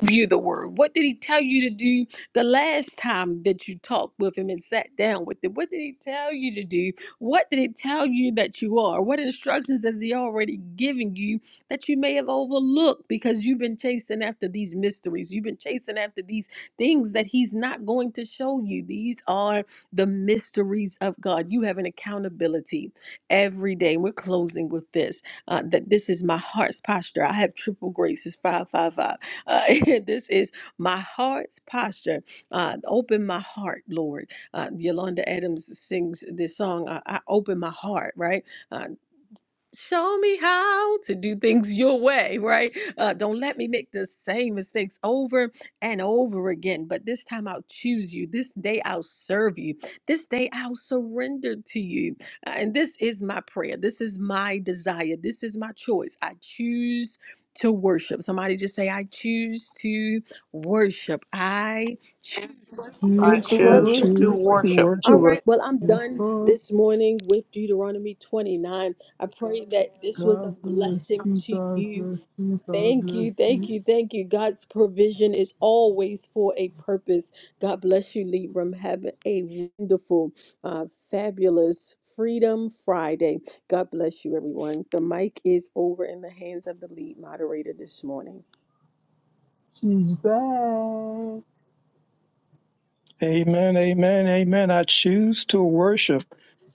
View the word? What did he tell you to do the last time that you talked with him and sat down with him? What did he tell you to do? What did he tell you that you are? What instructions has he already given you that you may have overlooked because you've been chasing after these mysteries? You've been chasing after these things that he's not going to show you. These are the mysteries of God. You have an accountability every day. We're closing with this uh, that this is my heart's posture. I have triple graces, 555. Uh, this is my heart's posture. Uh, open my heart, Lord. Uh, Yolanda Adams sings this song, uh, I Open My Heart, right? Uh, show me how to do things your way, right? Uh, don't let me make the same mistakes over and over again. But this time I'll choose you. This day I'll serve you. This day I'll surrender to you. Uh, and this is my prayer. This is my desire. This is my choice. I choose to worship. Somebody just say, I choose to worship. I choose. I Here's is to the I choose worship to worship. choose to worship All worship. right. Well, I'm Yes, done Lord. this morning with Deuteronomy 29. I pray that this was a God bless blessing you. to God you. bless you. God Thank bless you. Thank you. you. Thank you. God's provision is always for a purpose. God bless you, Libram. Have a wonderful, uh, fabulous Freedom Friday. God bless you, everyone. The mic is over in the hands of the lead moderator this morning. She's back. Amen, amen, amen. I choose to worship.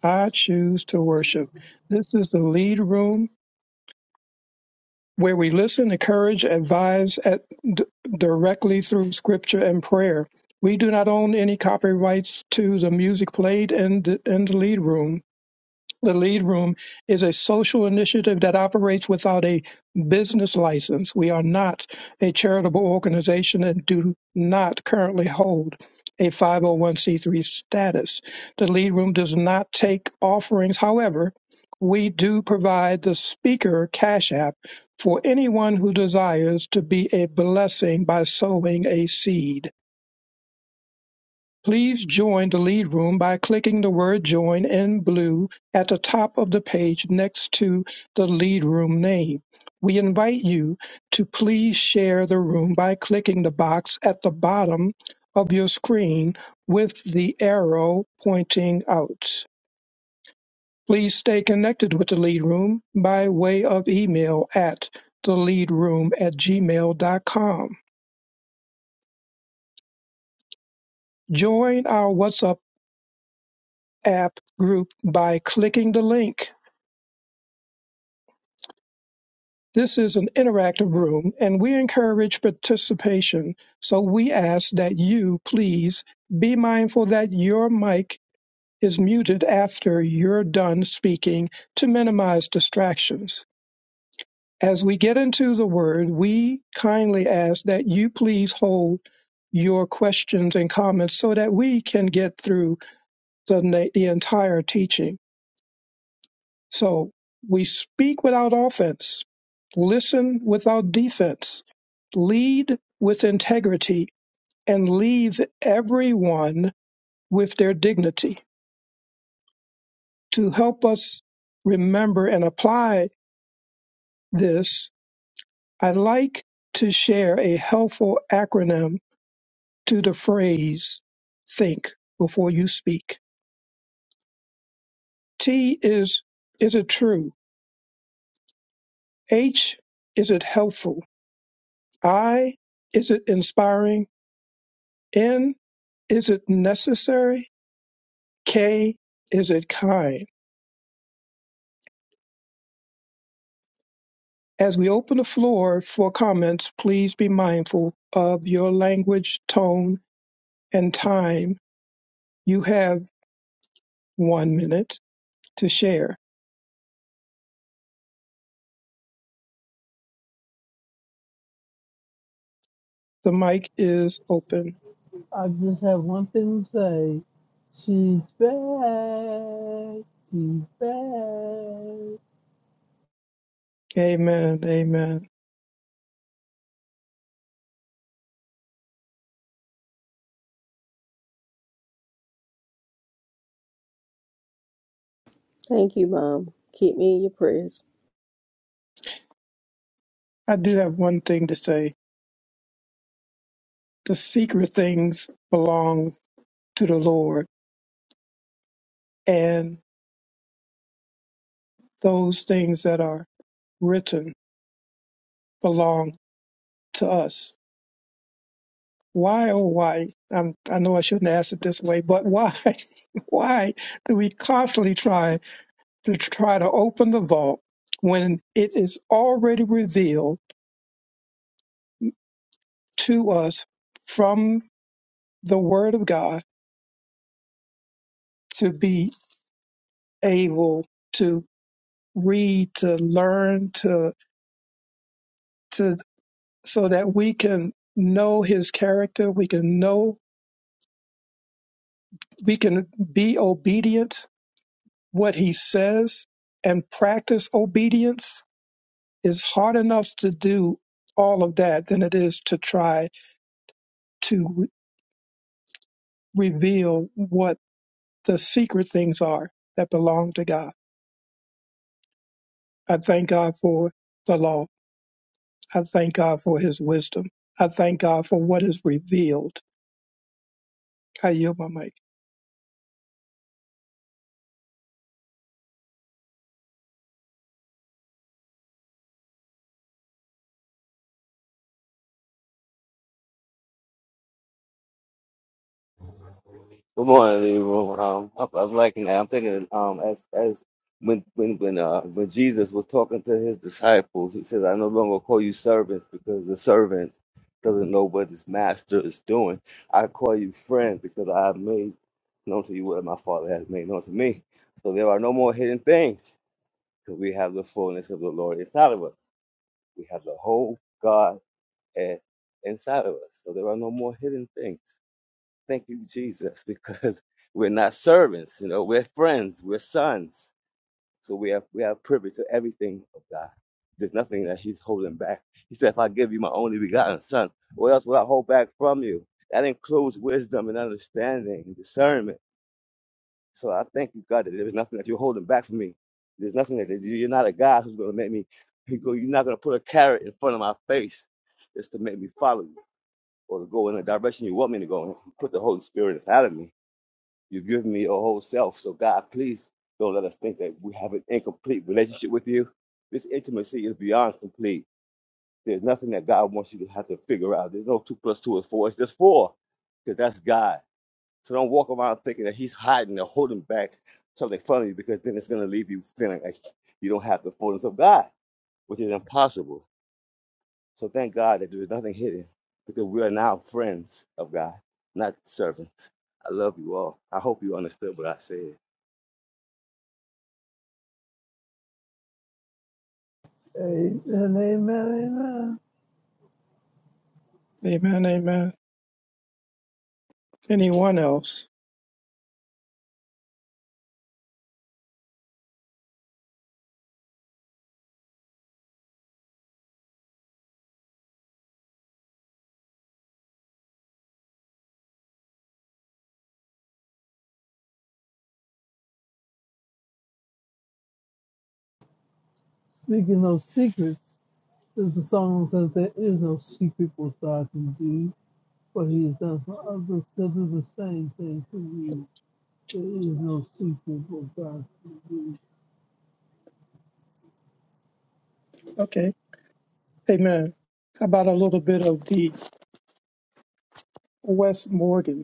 I choose to worship. This is the lead room where we listen, encourage, advise at, d- directly through scripture and prayer. We do not own any copyrights to the music played in the, in the lead room. The Lead Room is a social initiative that operates without a business license. We are not a charitable organization and do not currently hold a 501c3 status. The Lead Room does not take offerings. However, we do provide the speaker cash app for anyone who desires to be a blessing by sowing a seed. Please join the lead room by clicking the word join in blue at the top of the page next to the lead room name. We invite you to please share the room by clicking the box at the bottom of your screen with the arrow pointing out. Please stay connected with the lead room by way of email at theleadroom at gmail.com. Join our WhatsApp app group by clicking the link This is an interactive room and we encourage participation. So we ask that you please be mindful that your mic is muted after you're done speaking to minimize distractions. As we get into the word, we kindly ask that you please hold your questions and comments so that we can get through the, the entire teaching. So we speak without offense, listen without defense, lead with integrity, and leave everyone with their dignity. To help us remember and apply this, I'd like to share a helpful acronym to the phrase think before you speak. T is is it true? H is it helpful? I is it inspiring? N Is it necessary? K. Is it kind? As we open the floor for comments, please be mindful of your language, tone, and time. You have one minute to share. The mic is open. I just have one thing to say. She's back. She's back. Amen. Amen. Thank you, Mom. Keep me in your prayers. I do have one thing to say. The secret things belong to the Lord, and those things that are written belong to us. Why, oh, why? i I know I shouldn't ask it this way, but why, why do we constantly try to try to open the vault when it is already revealed to us from the Word of God to be able to read, to learn, to to so that we can know His character, we can know, we can be obedient what He says, and practice obedience Is hard enough to do all of that than it is to try to re- reveal what the secret things are that belong to God. I thank God for the law. I thank God for his wisdom. I thank God for what is revealed. I yield my mic. Good morning, Leroy. Um, I, I was liking that. I'm thinking, um, as as when when when uh when Jesus was talking to his disciples, he says, "I no longer call you servants because the servant doesn't know what his master is doing. I call you friends because I have made known to you what my Father has made known to me. So there are no more hidden things because we have the fullness of the Lord inside of us. We have the whole God eh, inside of us. So there are no more hidden things." Thank you, Jesus, because we're not servants, you know, we're friends, we're sons. So we have we have privy to everything of God. There's nothing that He's holding back. He said, If I give you my only begotten son, what else will I hold back from you? That includes wisdom and understanding and discernment. So I thank you, God, that there's nothing that you're holding back from me. There's nothing that that you- you're not a God who's gonna make me you go- you're not gonna put a carrot in front of my face just to make me follow you or to go in the direction you want me to go in. You Put the Holy Spirit inside of me You've given me your whole self. So, God, please don't let us think that we have an incomplete relationship with you. This intimacy is beyond complete. There's nothing that God wants you to have to figure out. There's no two plus two is four. It's just four because that's God. So don't walk around thinking that He's hiding or holding back something from you because then it's going to leave you feeling like you don't have the fullness of God, which is impossible. So thank God that there is nothing hidden because we are now friends of God, not servants. I love you all. I hope you understood what I said. Amen, amen, amen. Amen, amen. Anyone else? Speaking of secrets, there's a song that says there is no secret what God can do, but He has done for others. He'll do the same thing for you. There is no secret what God can do. Okay, amen. How about a little bit of the West Morgan?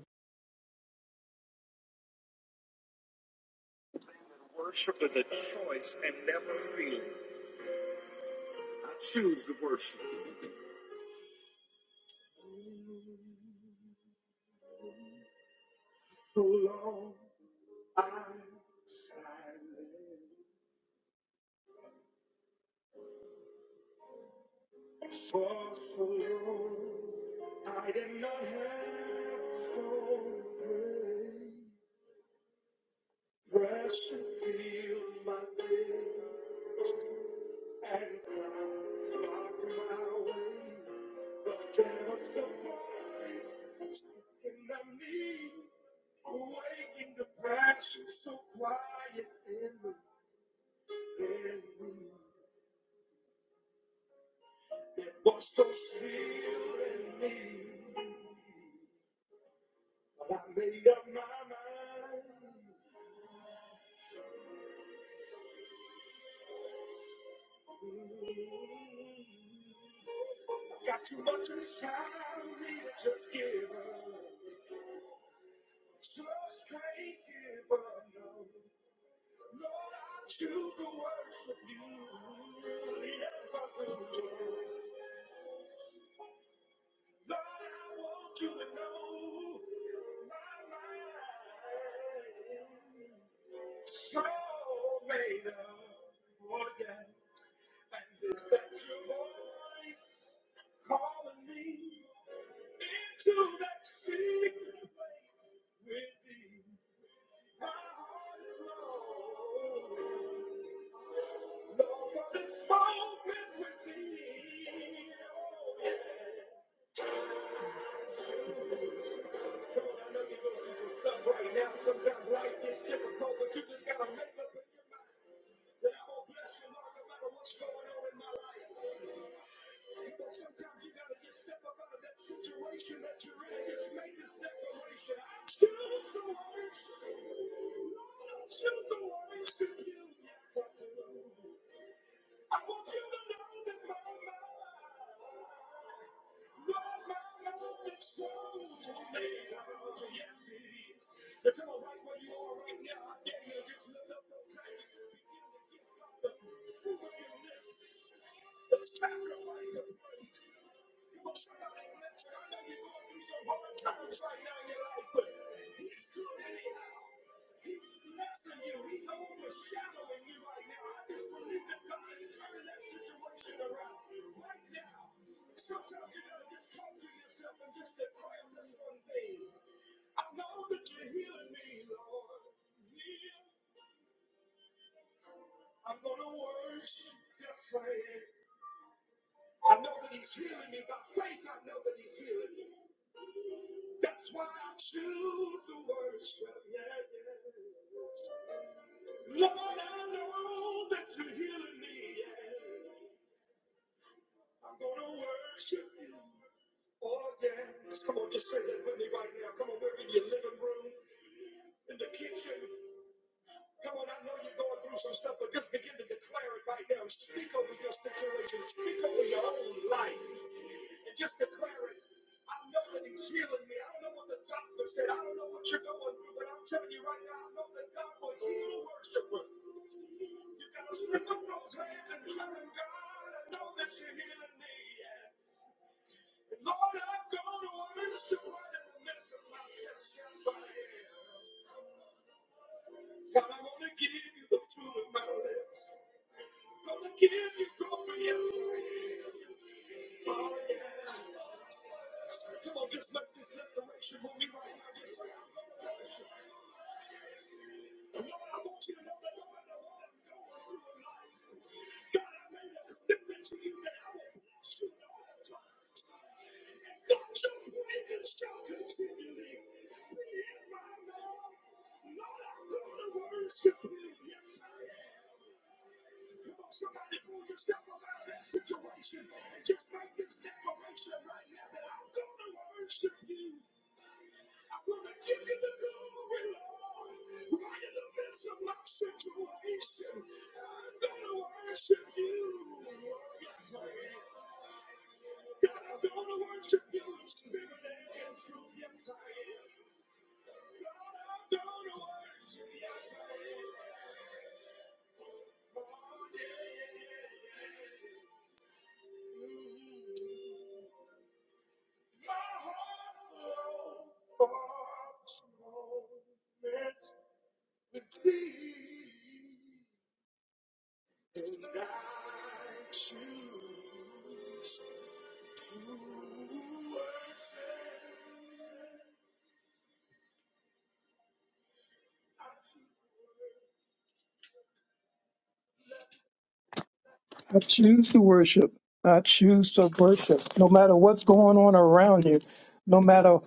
I choose to worship. I choose to worship. No matter what's going on around you, no matter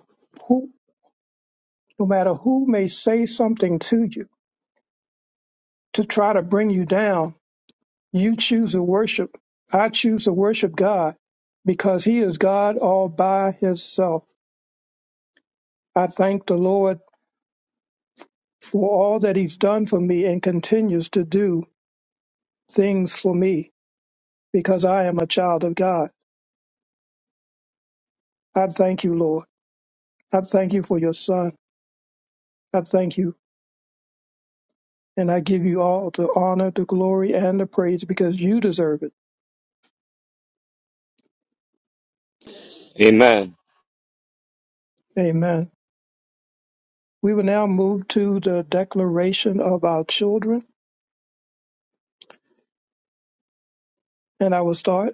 who no matter who may say something to you to try to bring you down, you choose to worship. I choose to worship God because he is God all by himself. I thank the Lord for all that he's done for me and continues to do things for me because I am a child of God. I thank you, Lord. I thank you for your son. I thank you And I give you all the honor, the glory, and the praise because you deserve it. Amen. Amen. We will now move to the declaration of our children. And I will start.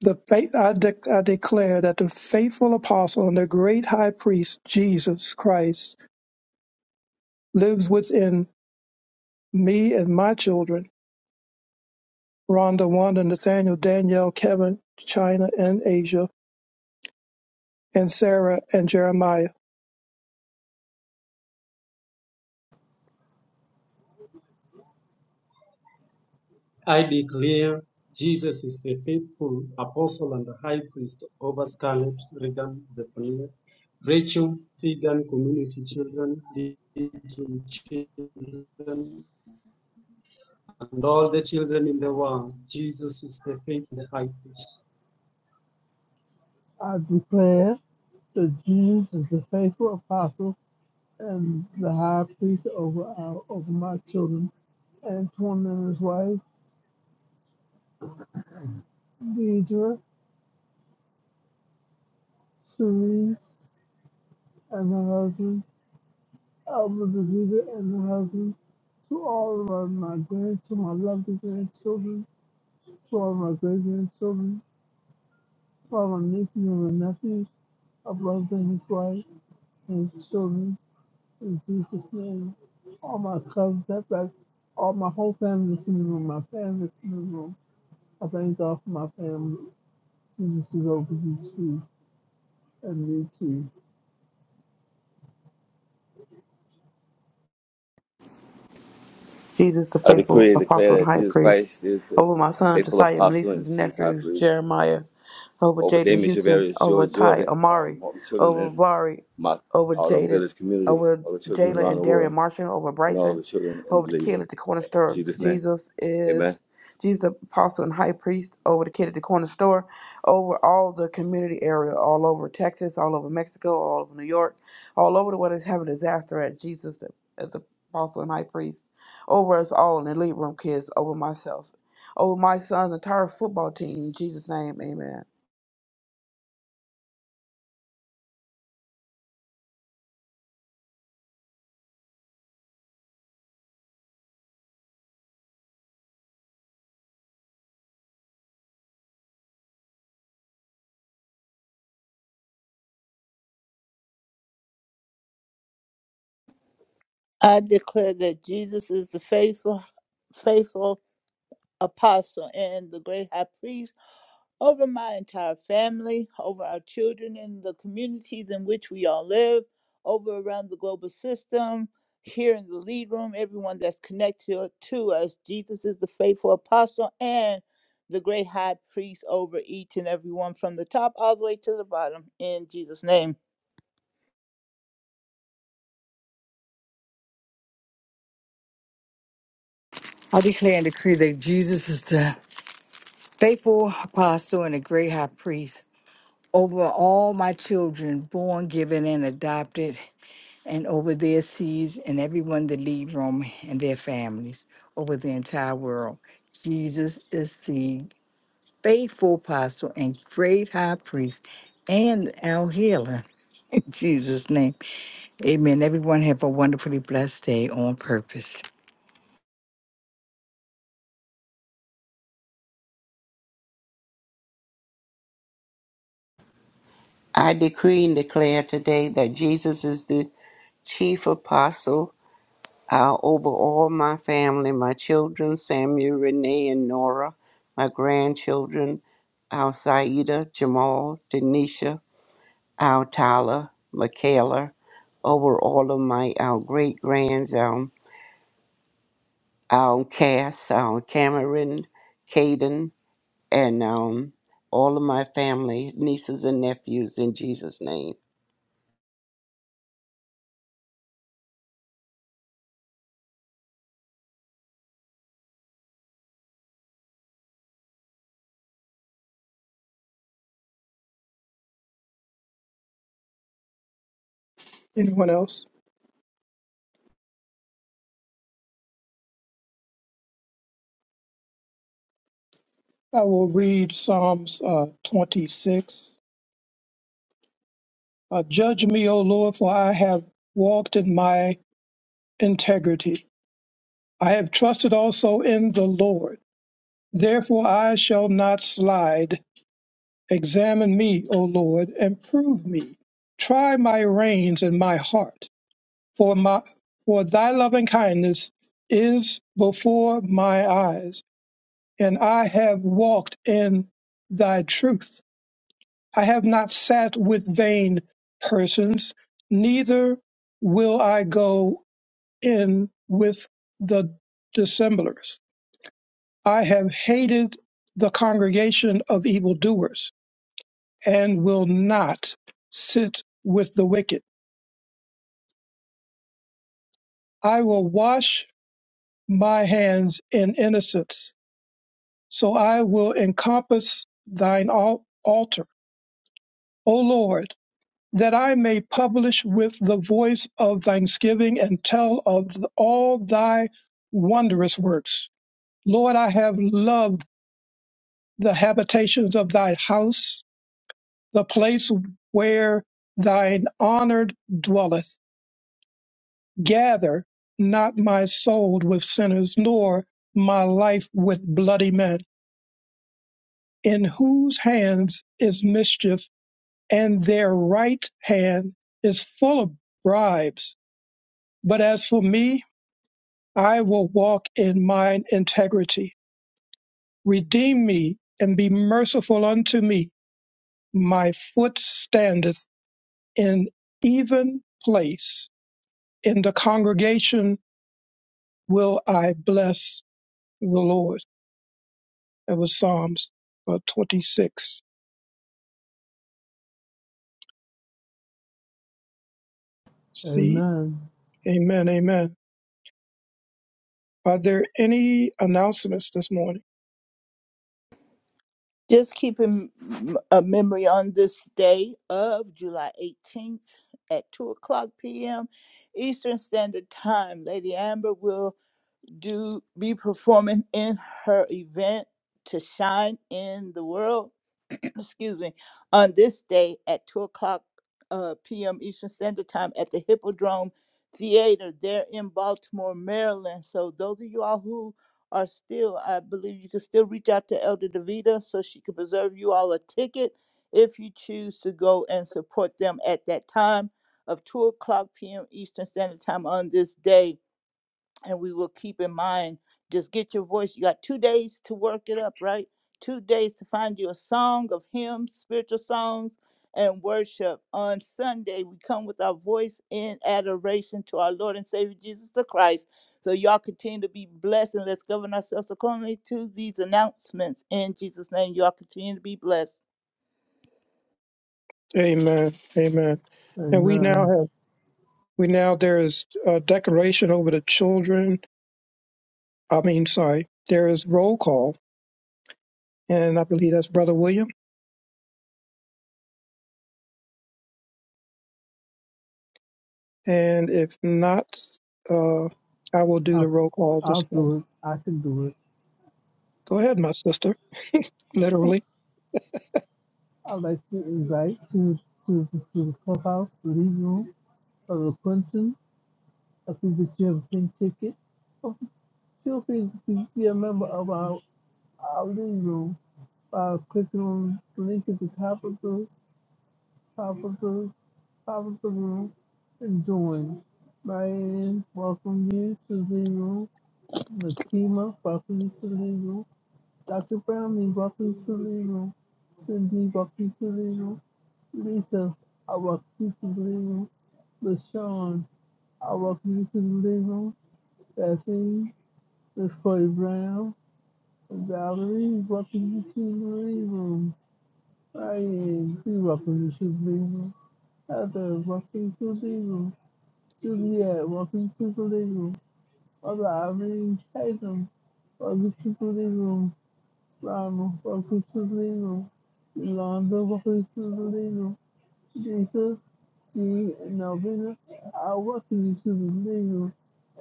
The faith, I, dec I declare that the faithful apostle and the great high priest, Jesus Christ, lives within me and my children, Rhonda, Wanda, Nathaniel, Danielle, Kevin, China, and Asia, and Sarah and Jeremiah. I declare Jesus is the faithful apostle and high priest over Scarlet, Regan, Zephaniah, Rachel, Figan, community children, little children, and all the children in the world. Jesus is the faithful high priest. I declare that Jesus is the faithful apostle and the high priest over our over my children and one and his wife, Deidre, Cerise, and her husband, Alva Davida and her husband, to all of our- my grand, to my lovely grandchildren, to all my great grandchildren, to all my nieces and my nephews, my brother and his wife, and his children, in Jesus' name. All my cousins, that's like all my whole family that's in the room, my family that's in the room. I thank God for my family. Jesus is over you too, and me too. Jesus, the I faithful decree and apostle declare and that high Jesus priest, Christ is the over my son faithful Josiah, my apostle and nieces and chief high nephews, priest Jeremiah, over over Jaden Damien Houston, Shavarius, over George Ty Jordan, um, Amari, all the children over in Vari, my over Harlem Jaden, Village community, over all the children Jayla around and the world, Darian Marshall, over and all Bryson, the children in over the the living kid room. at the corner In store. Jesus' name, Jesus amen. is Jesus, the apostle and high priest, over the kid at the corner store, over all the community area, all over Texas, all over Mexico, all over New York, all over the world is having disaster at Jesus, the, as the apostle and high priest over us all in the lead room, kids, over myself, over my son's entire football team. In Jesus' name, amen. I declare that Jesus is the faithful, faithful apostle and the great high priest over my entire family, over our children and the communities in which we all live, over around the global system, here in the lead room, everyone that's connected to us. Jesus is the faithful apostle and the great high priest over each and every one from the top all the way to the bottom in Jesus' name. I declare and decree that Jesus is the faithful apostle and the great high priest over all my children, born, given, and adopted, and over their seeds and everyone that leave Rome and their families, over the entire world. Jesus is the faithful apostle and great high priest and our healer. In Jesus' name. Amen. Everyone have a wonderfully blessed day on purpose. I decree and declare today that Jesus is the chief apostle uh, over all my family, my children, Samuel, Renee, and Nora, my grandchildren, our Saida, Jamal, Denisha, our Tyler, Michaela, over all of my our great grands, um, our Cass, our Cameron, Caden, and um, all of my family, nieces and nephews, in Jesus' name. Anyone else? I will read Psalms uh, 26 Uh, judge me, O Lord, for I have walked in my integrity. I have trusted also in the Lord. Therefore I shall not slide. Examine me, O Lord, and prove me. Try my reins and my heart, for my for thy loving kindness is before my eyes, and I have walked in thy truth. I have not sat with vain persons, neither will I go in with the dissemblers. I have hated the congregation of evildoers and will not sit with the wicked. I will wash my hands in innocence, so I will encompass thine al- altar, O Lord, that I may publish with the voice of thanksgiving and tell of th- all thy wondrous works. Lord, I have loved the habitations of thy house, the place where thine honored dwelleth. Gather not my soul with sinners, nor my life with bloody men, in whose hands is mischief, and their right hand is full of bribes. But as for me, I will walk in mine integrity. Redeem me and be merciful unto me. My foot standeth in even place in the congregation will I bless the Lord. That was Psalms uh, 26. See, Amen. amen, amen. Are there any announcements this morning? Just keeping a memory on this day of July 18th at 2 o'clock p.m. Eastern Standard Time. Lady Amber will do be performing in her event to shine in the world excuse me, on this day at 2 o'clock uh, p.m. Eastern Standard Time at the Hippodrome Theater there in Baltimore, Maryland. So, those of you all who are still, I believe you can still reach out to Elder DeVita so she can preserve you all a ticket if you choose to go and support them at that time of 2 o'clock p.m. Eastern Standard Time on this day and we will keep in mind just get your voice you got two days to work it up right two days to find you a song of hymns spiritual songs and worship on sunday we come with our voice in adoration to our lord and savior jesus the christ so y'all continue to be blessed and let's govern ourselves accordingly to these announcements in jesus name y'all continue to be blessed Amen, amen. And we now Amen. have, we now, there is a declaration over the children. I mean, sorry, there is roll call, and I believe that's Brother William. And if not, uh, I will do the I'll, roll call I'll this morning. do it. I can do it. Go ahead, my sister. Literally. I'd like to invite to to, to the clubhouse, the living room, Brother Quentin. I think that you have a pink ticket. Oh, Feel free to be a member of our, our living room by clicking on the link at the top of the top of the top of the room and join. Marianne, welcome you to the living room. Nakima, welcome you to the living room. Dr. Browning, welcome to the room. Cindy, welcome to the room. Lisa, I welcome you to the room. LaShawn, I welcome you to the room. Bethany, Miss Chloe Brown, Valerie, welcome you to the room. Ryan, we welcome you to the room. Heather, welcome to the room. Juliet, welcome to the room. Mother Irene Tatum, welcome to the room. Rama Bakusulino, Yolanda Bakusulino, Jesus, G. Novena, I welcome you to the legal.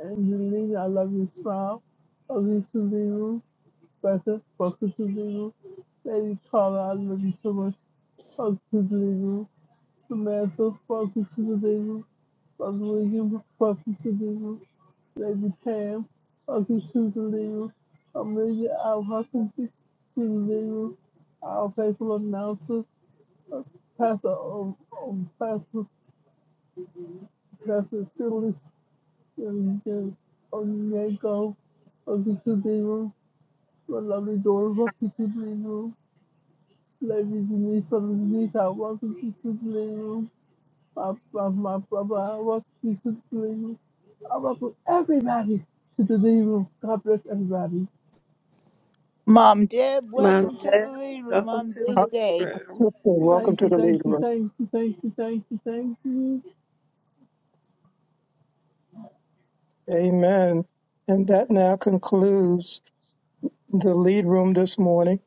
Angelina, I love your smile. Bakusulino, Becca Bakusulino, Lady Carla, I love you so much. Bakusulino, Samantha Bakusulino, Fuck William, fuck you, Selena, Lady Pam, fuck you, Selena, Amelia Al Huckabee, Selena, our faithful announcer, uh, Pastor, um, um, Pastor, Pastor Phyllis, and then Onyeko, fuck you, Selena, my lovely daughter, fuck you, Selena, Lady Denise, fuck you, Denise, I welcome you, Selena. my, my, my brother. I want you to the living room. I welcome everybody to the living room. God bless everybody. mom deb Mom. welcome to the lead room welcome on to this Uh, the day Libra. Sister, welcome Thank to you, the lead thank you, room. thank you, thank you, thank you, thank you. Amen. And that now concludes the lead room this morning.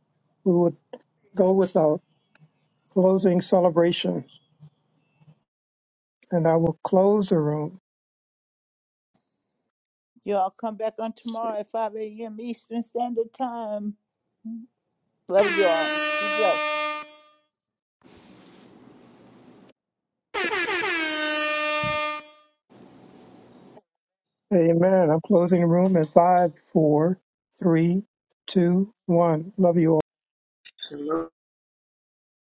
We will go with our closing celebration, and I will close the room. y'all come back on tomorrow at 5 a.m eastern standard time Love you all. Be blessed. Amen. I'm closing the room at five, four, three, two, one. Love you all.